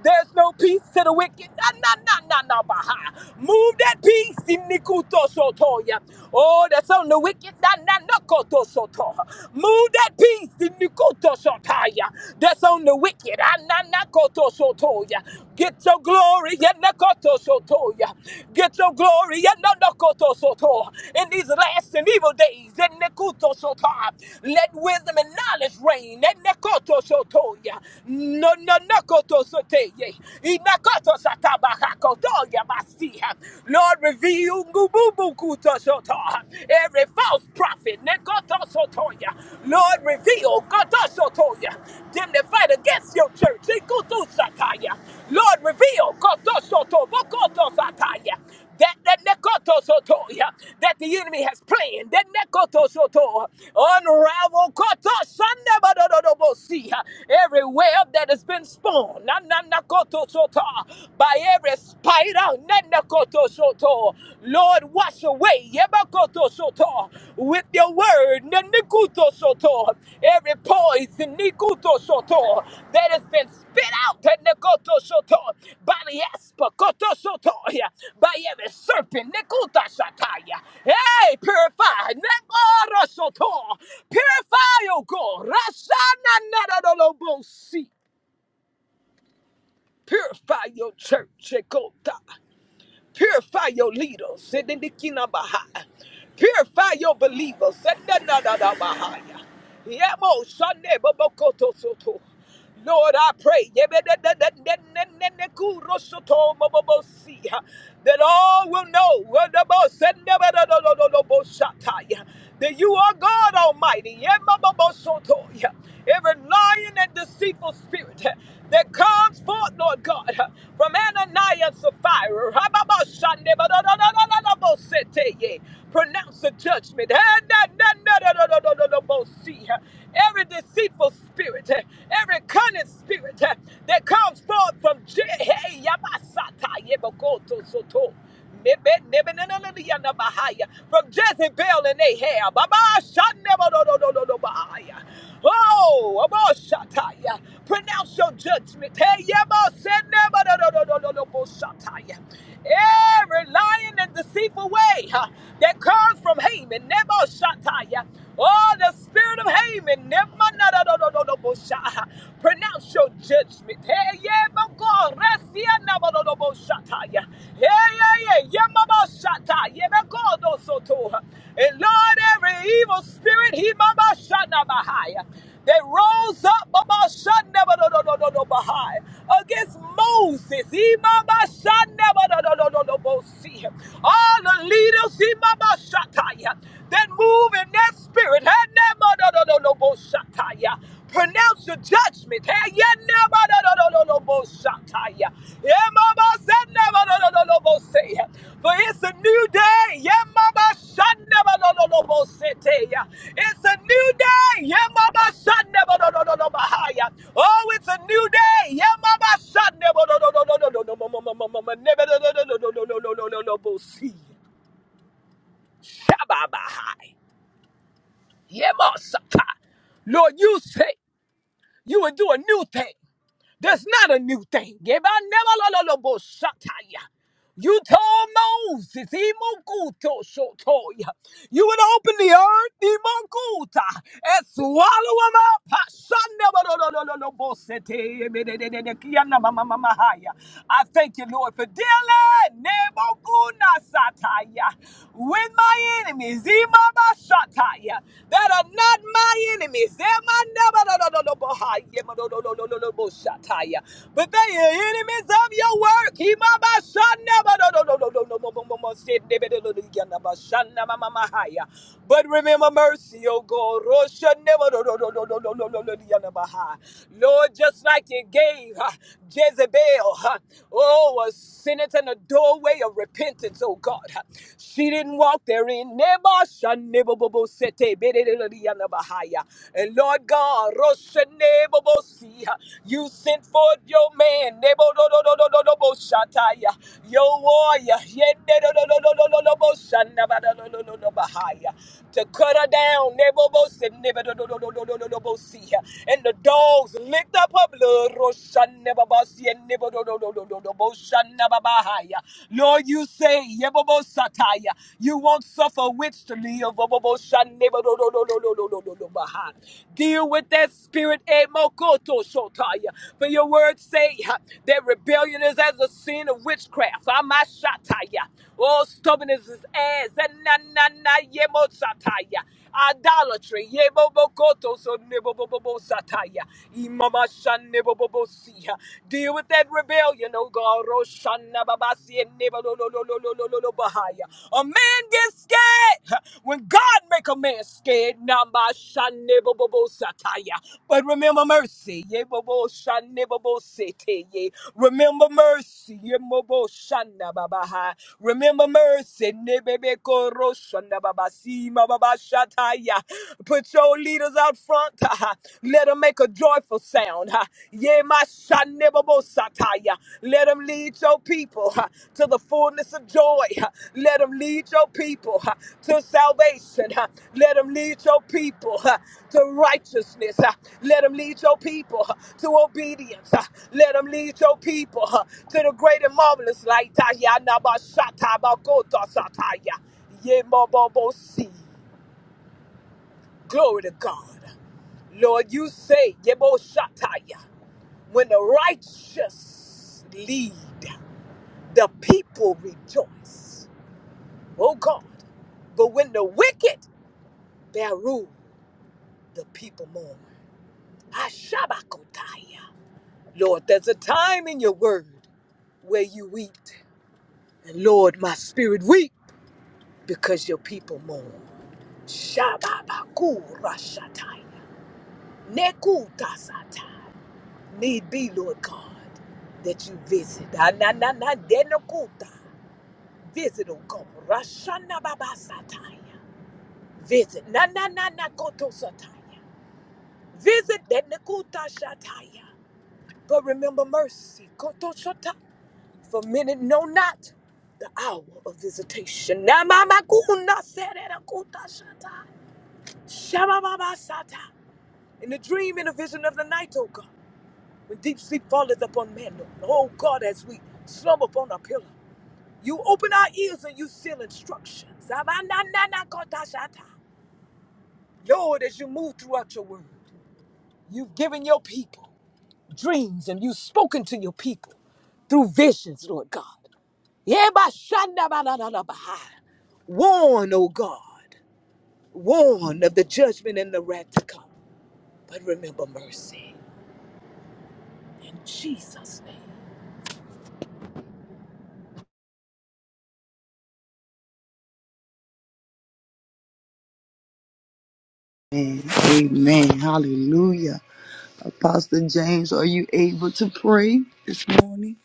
[SPEAKER 1] there's no peace to the wicked. Na, na, na, na, na, baha. Move that peace. Sinikuto sotoya. Oh, that's on the wicked. Na, na, na, koto soto. Move that peace. Sinikuto sotaya. That's on the wicked. Ah, na, na, koto sotoya. Get your glory. Ya, na, koto sotoya. Get your glory. Ya, na, na, koto soto. In these last and evil days. Ya, na, koto soto. Let wisdom and knowledge reign. Ya, na, koto sotoya no no no koto sote ye. Inakoto satabahako to yabasiha. Lord, reveal ngububu kuto soto. every false prophet. Nekoto sotoya. Lord, reveal koto sotoya. Them that fight against your church. Ikutu sataya. Lord, reveal koto soto bokoto sataya that that nekotosotoya that the enemy has planned, that nekotosoto unravel kotosandabadodobosi, every web that has been spun nananakotosota, by every spider. nanakotosoto. Lord, wash away yebakotosoto, with your word nanikutosoto, every poison nikutosoto, that has been spit out at Nekoto Soto Aliespa by every serpent. Nikuta shataya. Hey, purify. Nekoro Purify, O God. Rasana nadadolobosi. Purify your church. Ekota. Purify your leaders. Sedindikinabaha. Purify your believers. Sedinadadabahaya. Yemo shande bobokoto soto. Lord, I pray Yebedededededededekurosoto bobobosi, that all will know Wadabosedebedodododoboshatai, that you are God Almighty. Yemabobosoto. Every lion and the deceitful spirit that comes forth, Lord God, from Ananias and Sapphira. Rababashandebadadadadadabosete. Pronounce the judgment. Hadadadadadadadabosi. Every deceitful spirit, every cunning spirit that comes forth from Je- Hey, Yabasata, Yebokoto, Soto. From Jezebel and Ahab. Baba shanebo do do do do do bahaya. Oh, Aba shataya. Pronounce your judgment. Hey, yebo senebo do do do do do do bo shataya. Every lying and deceitful way huh, that comes from Haman, Nebo Shataya. Oh, the spirit of Haman. Never no no no no no no bosha. Pronounce your judgment. Hey yeah, my God, Rasia no no no bosha. Yeah yeah yeah yeah, my bosha. Yeah, my God, also too. And Lord, every evil spirit, he Mama Shana bahaya that rose up about Shandaba no no no no no Baha'i against Moses. Imama Shandaba no no no no no Bosi. All the leaders, Imama Shataya, that move in that spirit. Hanema no no no no Boshataya. Pronounce your judgment. Hey, yeah, no no no no no Boshataya. Yeah, mama said Lobosea. For it's a new day. Yeah, Mama Shandabalolobosea. It's a new day. Yeah, Mama Shandabalolobahaya. Oh, it's a new day. Yeah, Mama Shandabalolobosea. Shababahai. Yeah, Masata. Lord, you say you will do a new thing. That's not a new thing. Give I never lo- lo- lo- bo- shut up. You told Moses, Imokuto Shotoya, you would open the earth, Imokuta, and swallow them up. Hashandabarorororobosete, emedededekiana mamamamahaya. I thank you, Lord, for dealing Nebokuna Sataya with my enemies, Imama Sataya, that are not my enemies. Emanabarorororobohaya, Shataya. But they are enemies of your work. Himabashanabadododododododobomosendebedodododiyanabashanamamamahaya. But remember mercy, O God. Roshanebadodododododododododiyanabaha. Lord, just like you gave huh, Jezebel, huh, oh, a senate and a doorway of repentance, oh God. huh. She didn't walk therein. Nebashanebobobosete. Bahaya. And Lord God, Roshanebobosi, you sent forth your man, Nebodododododoboshataya, your warrior, Yedodododododoboshanabadadododobahaya, to cut her down, Nebobosi, Nebodododododobosih, and the dogs licked up her blood, Roshanebabasi, and Nebodododododoboshanababahaya. Lord, you say, you won't suffer witch to live. Deal with that spirit. eh, mo- For your words say huh, that rebellion is as a sin of witchcraft. Ah, my sha- ta- ya. Oh, stubbornness is as. eh, na- na- na- ye- Idolatry. Yebobokoto so nebobobobo sataya. Imamashan nebobobosia. Deal with that rebellion, oh God. Roshana babasi and nebolololololololo bahaya. A man gets scared when God make a man scared. Namashan nebobobo sataya. But remember mercy. Yeboboshan nebobosete ye. Remember mercy. Yemoboshan babaha. Remember mercy. Nebebe koroshana babasi Shataya. Put your leaders out front. Let them make a joyful sound. Yeah, my Shataya. Let them lead your people to the fullness of joy. Let them lead your people to salvation. Let them lead your people to righteousness. Let them lead your people to obedience. Let them lead your people to the great and marvelous light. Taya ba shata ba kota sataya. Ye mo bo bo si. Glory to God. Lord, you say, Yeboshataya, when the righteous lead, the people rejoice. Oh God. But when the wicked bear rule, the people mourn. Ashabakotaya. Lord, there's a time in your word where you weep. And Lord, my spirit weep because your people mourn. Shababakurashataya. Nekutasata. Need be, Lord God, that you visit. Ah, na, na, na, denokuta. Visit, O God. Rashana baba sataya. Visit. Na na na na koto sataya. Visit denokuta shataya. But remember mercy. Koto shata. For many know not the hour of visitation. Na mama kuna serena kuta shata. Shama baba sata. In the dream and the vision of the night, O God. When deep sleep falleth upon man, oh God, as we slumber upon a pillow, you open our ears and you seal instructions. Zamananakotashata. Lord, as you move throughout your word, you've given your people dreams and you've spoken to your people through visions, Lord God. Yebashandabalalabaha. Warn, O God, warn of the judgment and the wrath to come. But remember mercy in Jesus' name.
[SPEAKER 2] Amen. Amen. Hallelujah. Apostle James, are you able to pray this morning?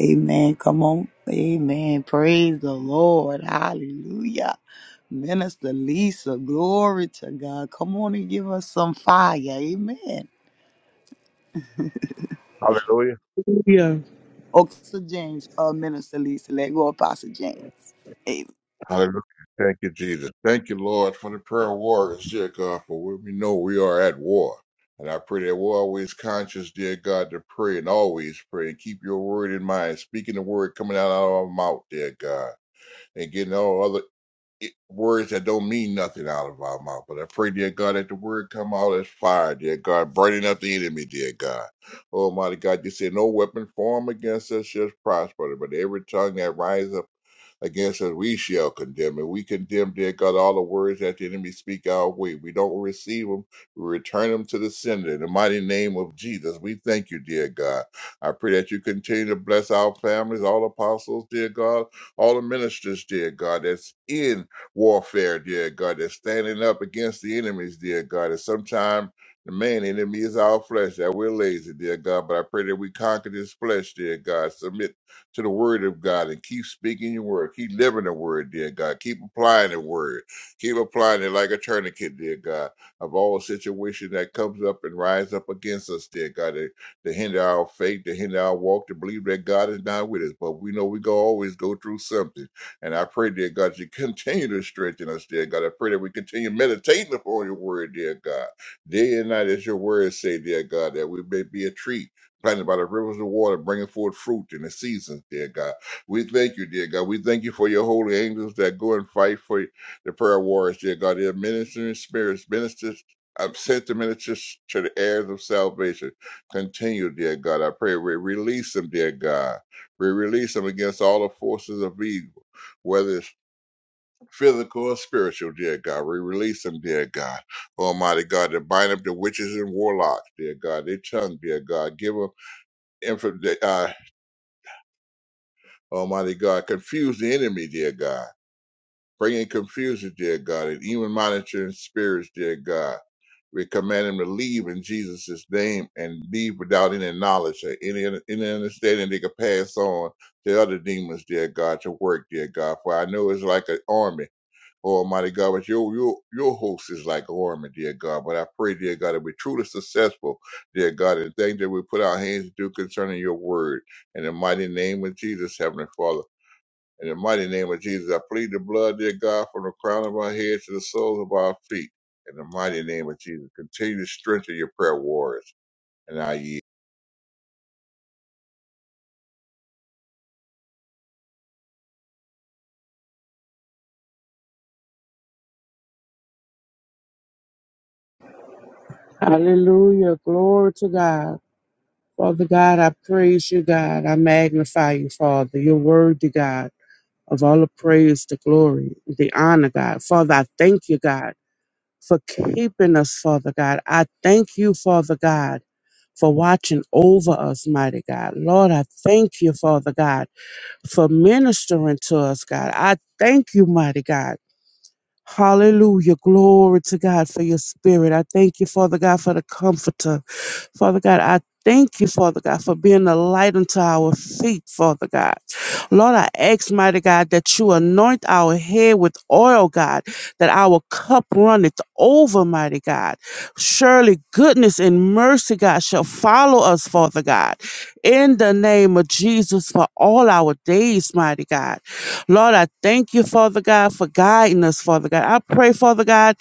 [SPEAKER 2] Amen. Come on. Amen. Praise the Lord. Hallelujah. Minister Lisa, glory to God. Come on and give us some fire. Amen.
[SPEAKER 3] Hallelujah.
[SPEAKER 4] Hallelujah.
[SPEAKER 2] Okay, Pastor James, uh, Minister Lisa, let go, Pastor James.
[SPEAKER 3] Hallelujah. Thank you, Jesus. Thank you, Lord, for the prayer of warriors, dear God, for we we know we are at war. And I pray that we're always conscious, dear God, to pray and always pray and keep your word in mind, speaking the word coming out of our mouth, dear God, and getting all other i- words that don't mean nothing out of our mouth. But I pray, dear God, that the word come out as fire, dear God, burning up the enemy, dear God. Almighty God, you say no weapon formed against us shall prosper, but every tongue that rises against us, we shall condemn and We condemn, dear God, all the words that the enemy speak our way. We don't receive them. We return them to the sender. In the mighty name of Jesus, we thank you, dear God. I pray that you continue to bless our families, all apostles, dear God, all the ministers, dear God, that's in warfare, dear God, that's standing up against the enemies, dear God, and sometimes the main enemy is our flesh that we're lazy, dear God. But I pray that we conquer this flesh, dear God. Submit to the word of God and keep speaking your word. Keep living the word, dear God. Keep applying the word. Keep applying it like a tourniquet, dear God, of all situation that comes up and rise up against us, dear God, to, to hinder our faith, to hinder our walk, to believe that God is not with us. But we know we go always go through something. And I pray, dear God, that you continue to strengthen us, dear God. I pray that we continue meditating upon your word, dear God. Day and night, as your word say, dear God, that we may be a treat planted by the rivers of water, bringing forth fruit in the seasons. dear God. We thank you, dear God. We thank you for your holy angels that go and fight for the prayer warriors, dear God. They're ministering spirits, ministers. I've sent the ministers to the heirs of salvation. Continue, dear God. I pray we release them, dear God. We release them against all the forces of evil, whether it's physical or spiritual, dear God. We release them, dear God. Almighty God, to bind up the witches and warlocks, dear God, their tongue, dear God. give them inf- that, uh, Almighty God, confuse the enemy, dear God. Bring in confusion, dear God, and even monitoring spirits, dear God. We command them to leave in Jesus' name and leave without any knowledge or any, any understanding they can pass on to other demons, dear God, to work, dear God. For I know it's like an army. Oh, Almighty God, but your your your host is like a army, dear God. But I pray, dear God, that we're truly successful, dear God, in things that we put our hands to do concerning your word. In the mighty name of Jesus, Heavenly Father. In the mighty name of Jesus, I plead the blood, dear God, from the crown of our head to the soles of our feet. In the mighty name of Jesus, continue to strengthen your prayer warriors. And I yield.
[SPEAKER 4] Hallelujah. Glory to God. Father God, I praise you, God. I magnify you, Father. You're worthy, God, of all the praise, the glory, the honor, God. Father, I thank you, God, for keeping us, Father God. I thank you, Father God, for watching over us, mighty God. Lord, I thank you, Father God, for ministering to us, God. I thank you, mighty God. Hallelujah. Glory to God for your spirit. I thank you, Father God, for the comforter. Father God, I thank you, Father God, for being the light unto our feet, Father God. Lord, I ask, mighty God, that you anoint our head with oil, God, that our cup runneth over, mighty God. Surely goodness and mercy, God, shall follow us, Father God, in the name of Jesus for all our days, mighty God. Lord, I thank you, Father God, for guiding us, Father God. I pray, Father God,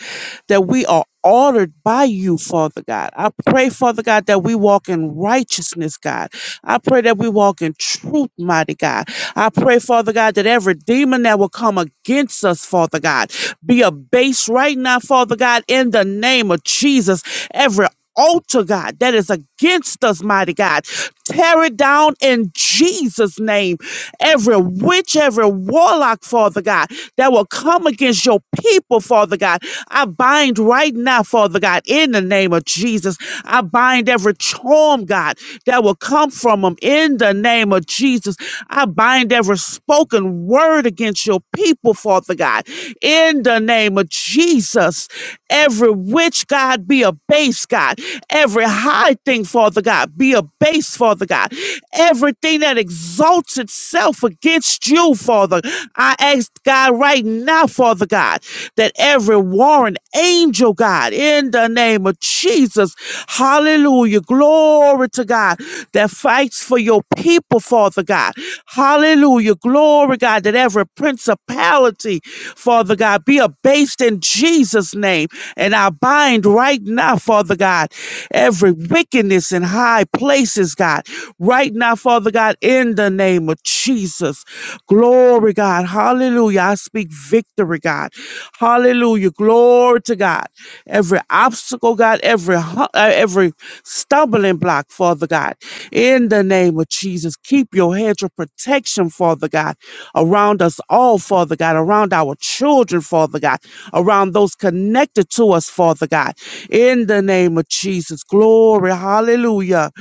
[SPEAKER 4] that we are ordered by you, Father God. I pray, Father God, that we walk in righteousness, God. I pray that we walk in truth, mighty God. I pray, Father God, that every demon that will come against us, Father God, be abased right now, Father God, in the name of Jesus. Every altar, God, that is against us, mighty God, tear it down in Jesus' name every witch, every warlock, Father God, that will come against your people, Father God. I bind right now, Father God, in the name of Jesus. I bind every charm, God, that will come from them in the name of Jesus. I bind every spoken word against your people, Father God, in the name of Jesus. Every witch, God, be a base, God. Every high thing, Father God, be a base, Father God. Everything that exalts itself against you, Father. I ask God right now, Father God, that every warring angel, God, in the name of Jesus, hallelujah, glory to God, that fights for your people, Father God, hallelujah, glory, God, that every principality, Father God, be abased in Jesus. Jesus' name. And I bind right now, Father God, every wickedness in high places, God, right now, Father God, in the name of Jesus. Glory, God. Hallelujah. I speak victory, God. Hallelujah. Glory to God. Every obstacle, God, every, hu- uh, every stumbling block, Father God, in the name of Jesus. Keep your hedge of protection, Father God, around us all, Father God, around our children, Father God around those connected to us, Father God. In the name of Jesus. Glory. Hallelujah.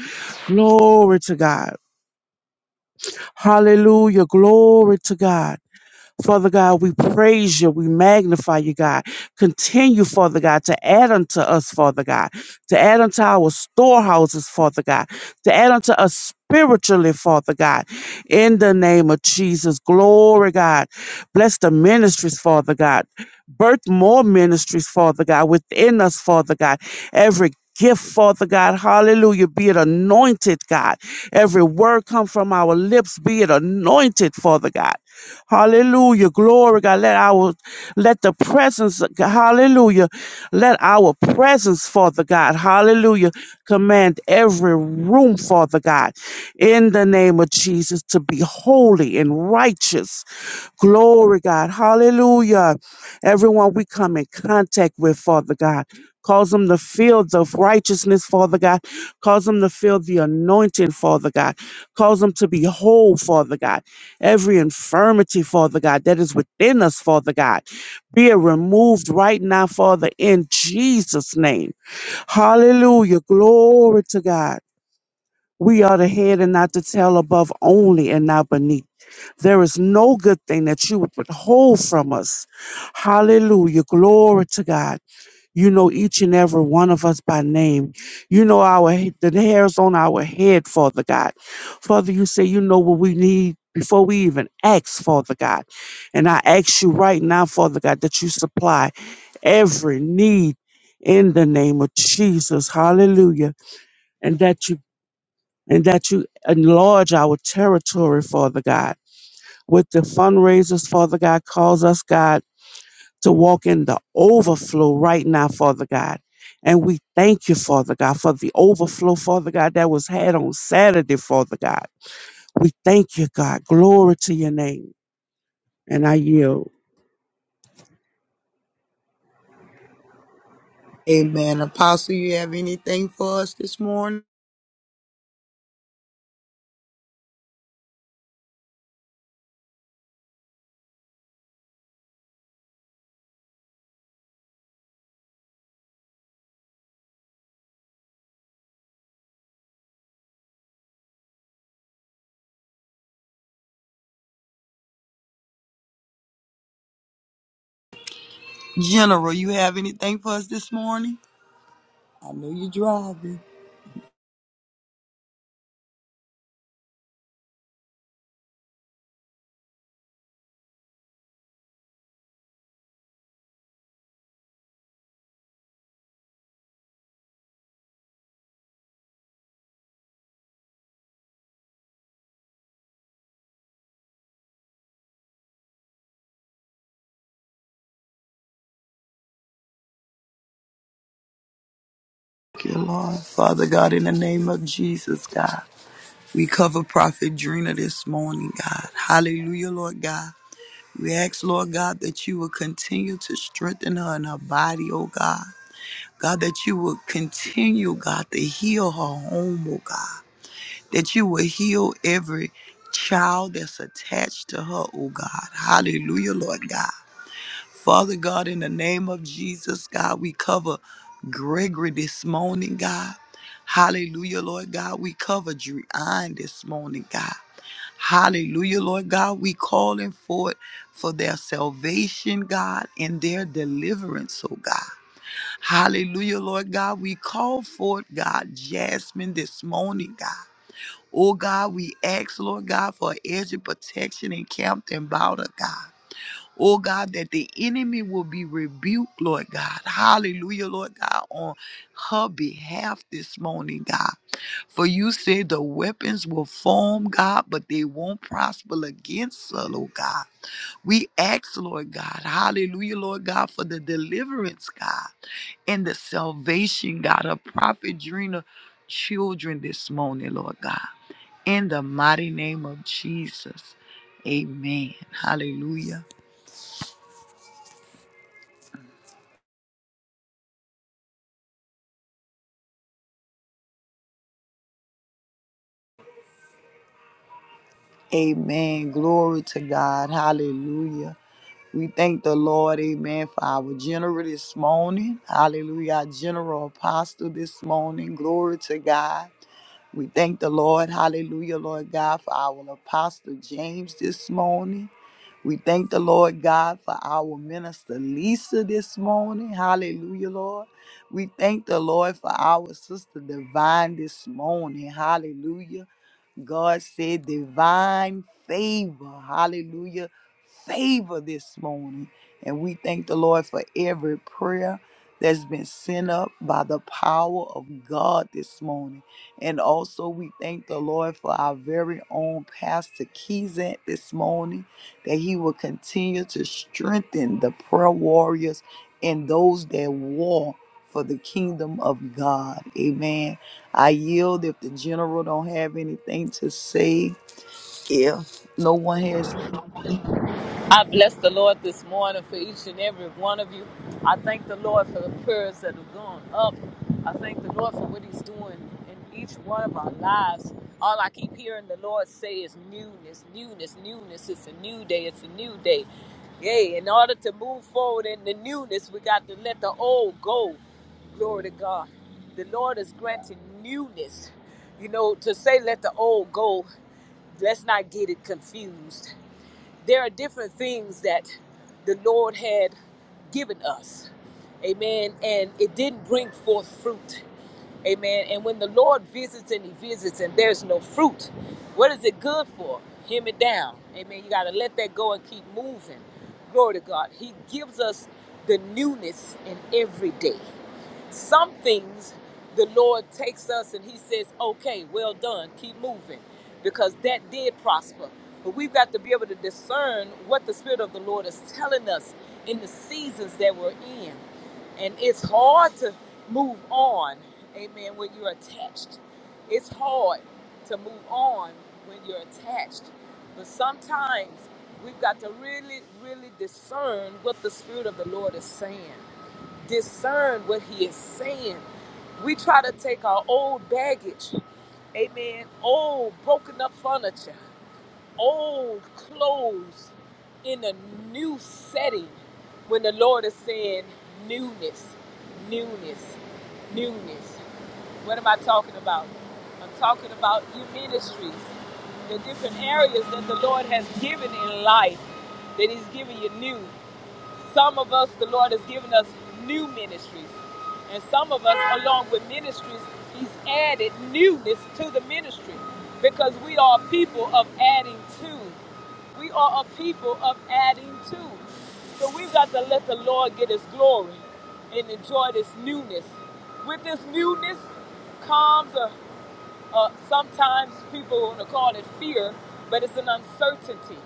[SPEAKER 4] Glory to God. Hallelujah. Glory to God. Father God, we praise you. We magnify you, God. Continue, Father God, to add unto us, Father God, to add unto our storehouses, Father God, to add unto us spiritually, Father God, in the name of Jesus. Glory, God. Bless the ministries, Father God. Birth more ministries, Father God, within us, Father God. Every gift, Father God, hallelujah, be it anointed, God. Every word come from our lips, be it anointed, Father God. Hallelujah. Glory, God. Let our let the presence, hallelujah. Let our presence, Father God, hallelujah, command every room, Father God, in the name of Jesus to be holy and righteous. Glory, God. Hallelujah. Everyone we come in contact with, Father God. Cause them to feel the righteousness, Father God. Cause them to feel the anointing, Father God. Cause them to be whole, Father God. Every infirmity, Father God, that is within us, Father God, be it removed right now, Father, in Jesus' name. Hallelujah. Glory to God. We are the head and not the tail, above only and not beneath. There is no good thing that you would withhold from us. Hallelujah. Glory to God. You know each and every one of us by name. You know our he- the hairs on our head, Father God. Father, you say you know what we need before we even ask, Father God. And I ask you right now, Father God, that you supply every need in the name of Jesus. Hallelujah. And that you and that you enlarge our territory, Father God. With the fundraisers, Father God, calls us God to walk in the overflow right now, Father God. And we thank you, Father God, for the overflow, Father God, that was had on Saturday, Father God. We thank you, God. Glory to your name. And I yield.
[SPEAKER 2] Amen. Apostle, you have anything for us this morning? General, you have anything for us this morning? I know you're driving. Thank you, Lord. Father God, in the name of Jesus, God, we cover Prophet Drina this morning, God. Hallelujah, Lord God. We ask, Lord God, that you will continue to strengthen her in her body, oh God. God, that you will continue, God, to heal her home, oh God. that you will heal every child that's attached to her, oh God. Hallelujah, Lord God. Father God, in the name of Jesus, God, we cover Gregory this morning, God. Hallelujah, Lord God. We cover Dreon this morning, God. Hallelujah, Lord God. We calling forth for their salvation, God, and their deliverance, oh God. Hallelujah, Lord God. We call forth, God, Jasmine this morning, God. Oh God, we ask, Lord God, for a edge of protection encamped about us, God. Oh God, that the enemy will be rebuked, Lord God. Hallelujah, Lord God, on her behalf this morning, God. For you said the weapons will form, God, but they won't prosper against us, Lord God. We ask, Lord God, hallelujah, Lord God, for the deliverance, God, and the salvation, God, of Prophet Drina children this morning, Lord God in the mighty name of Jesus. Amen. Hallelujah. Amen. Glory to God. Hallelujah. We thank the Lord, amen, for our general this morning. Hallelujah. Our general apostle this morning. Glory to God. We thank the Lord, hallelujah, Lord God, for our Apostle James this morning. We thank the Lord God for our minister Lisa this morning. Hallelujah, Lord. We thank the Lord for our sister Divine this morning. Hallelujah. God said divine favor. Hallelujah. Favor this morning. And we thank the Lord for every prayer that's been sent up by the power of God this morning. And also we thank the Lord for our very own Pastor Keyzant this morning, that he will continue to strengthen the prayer warriors and those that war for the kingdom of God. Amen. I yield if the general don't have anything to say. If no one has
[SPEAKER 1] I bless the Lord this morning for each and every one of you. I thank the Lord for the prayers that have gone up. I thank the Lord for what He's doing in each one of our lives. All I keep hearing the Lord say is newness, newness, newness. It's a new day. It's a new day. Yay. In order to move forward in the newness, we got to let the old go. Glory to God. The Lord is granting newness. You know, to say let the old go, let's not get it confused there are different things that the Lord had given us. Amen. And it didn't bring forth fruit. Amen. And when the Lord visits and he visits and there's no fruit, what is it good for? Him it down. Amen. You got to let that go and keep moving. Glory to God. He gives us the newness in every day. Some things the Lord takes us and He says, okay, well done, keep moving, because that did prosper. But we've got to be able to discern what the Spirit of the Lord is telling us in the seasons that we're in. And it's hard to move on, amen, when you're attached. It's hard to move on when you're attached. But sometimes we've got to really, really discern what the Spirit of the Lord is saying discern what he is saying. We try to take our old baggage, amen, old broken up furniture, old clothes in a new setting when the Lord is saying newness, newness, newness. What am I talking about? I'm talking about your ministries, the different areas that the Lord has given in life that He's giving you new. Some of us, the Lord has given us new ministries. And some of us, along with ministries, He's added newness to the ministry because we are a people of adding to. We are a people of adding to. So we've got to let the Lord get His glory and enjoy this newness. With this newness, comes a. Uh, sometimes people want to call it fear, but it's an uncertainty,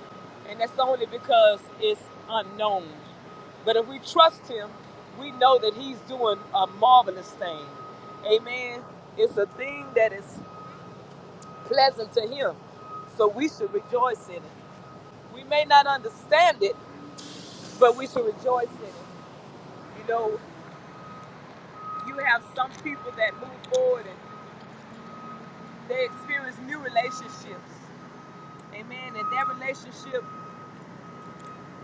[SPEAKER 1] and that's only because it's unknown. But if we trust Him, we know that He's doing a marvelous thing. Amen. It's a thing that is pleasant to Him, so we should rejoice in it. We may not understand it, but we should rejoice in it. You know, you have some people that move forward and they experience new relationships. Amen. And that relationship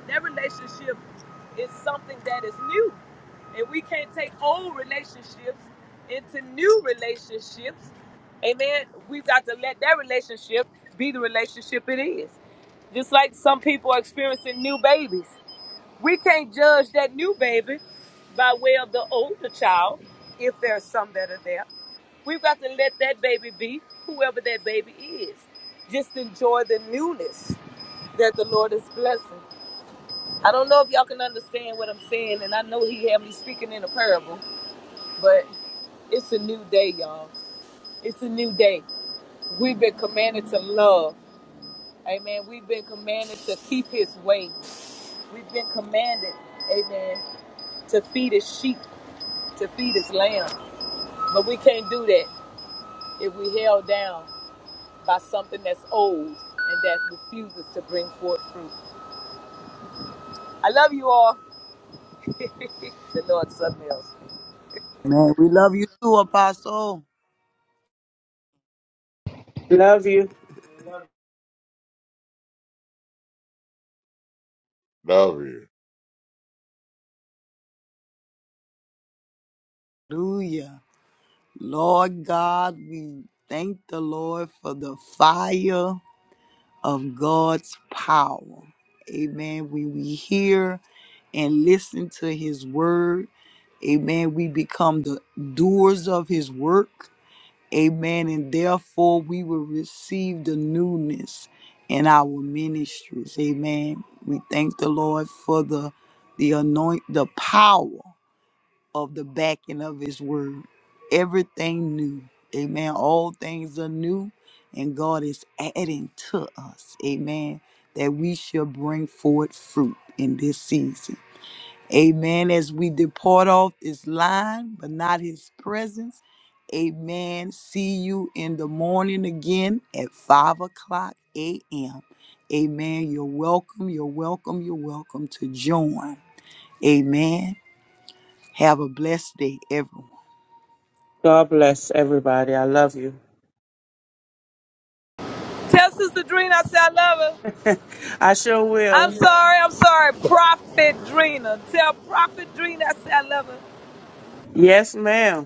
[SPEAKER 1] That relationship is something that is new. And we can't take old relationships into new relationships. Amen. We've got to let that relationship be the relationship it is. Just like some people are experiencing new babies. We can't judge that new baby by way of the older child, if there's some that are there. We've got to let that baby be whoever that baby is. Just enjoy the newness that the Lord is blessing. I don't know if y'all can understand what I'm saying, and I know he had me speaking in a parable, but it's a new day, y'all. It's a new day. We've been commanded to love. Amen. We've been commanded to keep his way. We've been commanded, amen, to feed his sheep, to feed his lamb. But we can't do that if we held down by something that's old and that refuses to bring forth. I love you all. the Lord something else.
[SPEAKER 4] Love you.
[SPEAKER 3] love you.
[SPEAKER 2] Hallelujah. Hear and listen to his word, amen, we become the doers of his work, amen, and therefore we will receive the newness in our ministries, amen. We thank the Lord for the the anoint the power. of the backing of his word. Everything new. Amen. All things are new, and God is adding to us. Amen. That we shall bring forth fruit in this season. Amen. As we depart off this line, but not his presence. Amen. See you in the morning again at 5 o'clock a.m. Amen. You're welcome. You're welcome. You're welcome to join. Amen. Have a blessed day, everyone.
[SPEAKER 4] God bless everybody. I love you.
[SPEAKER 1] Tell Sister Dreen I say I love her.
[SPEAKER 4] I sure
[SPEAKER 1] I'm
[SPEAKER 4] will.
[SPEAKER 1] sorry, I'm sorry, Prophet Drina. Tell Prophet Drina I said I love her.
[SPEAKER 4] Yes, ma'am.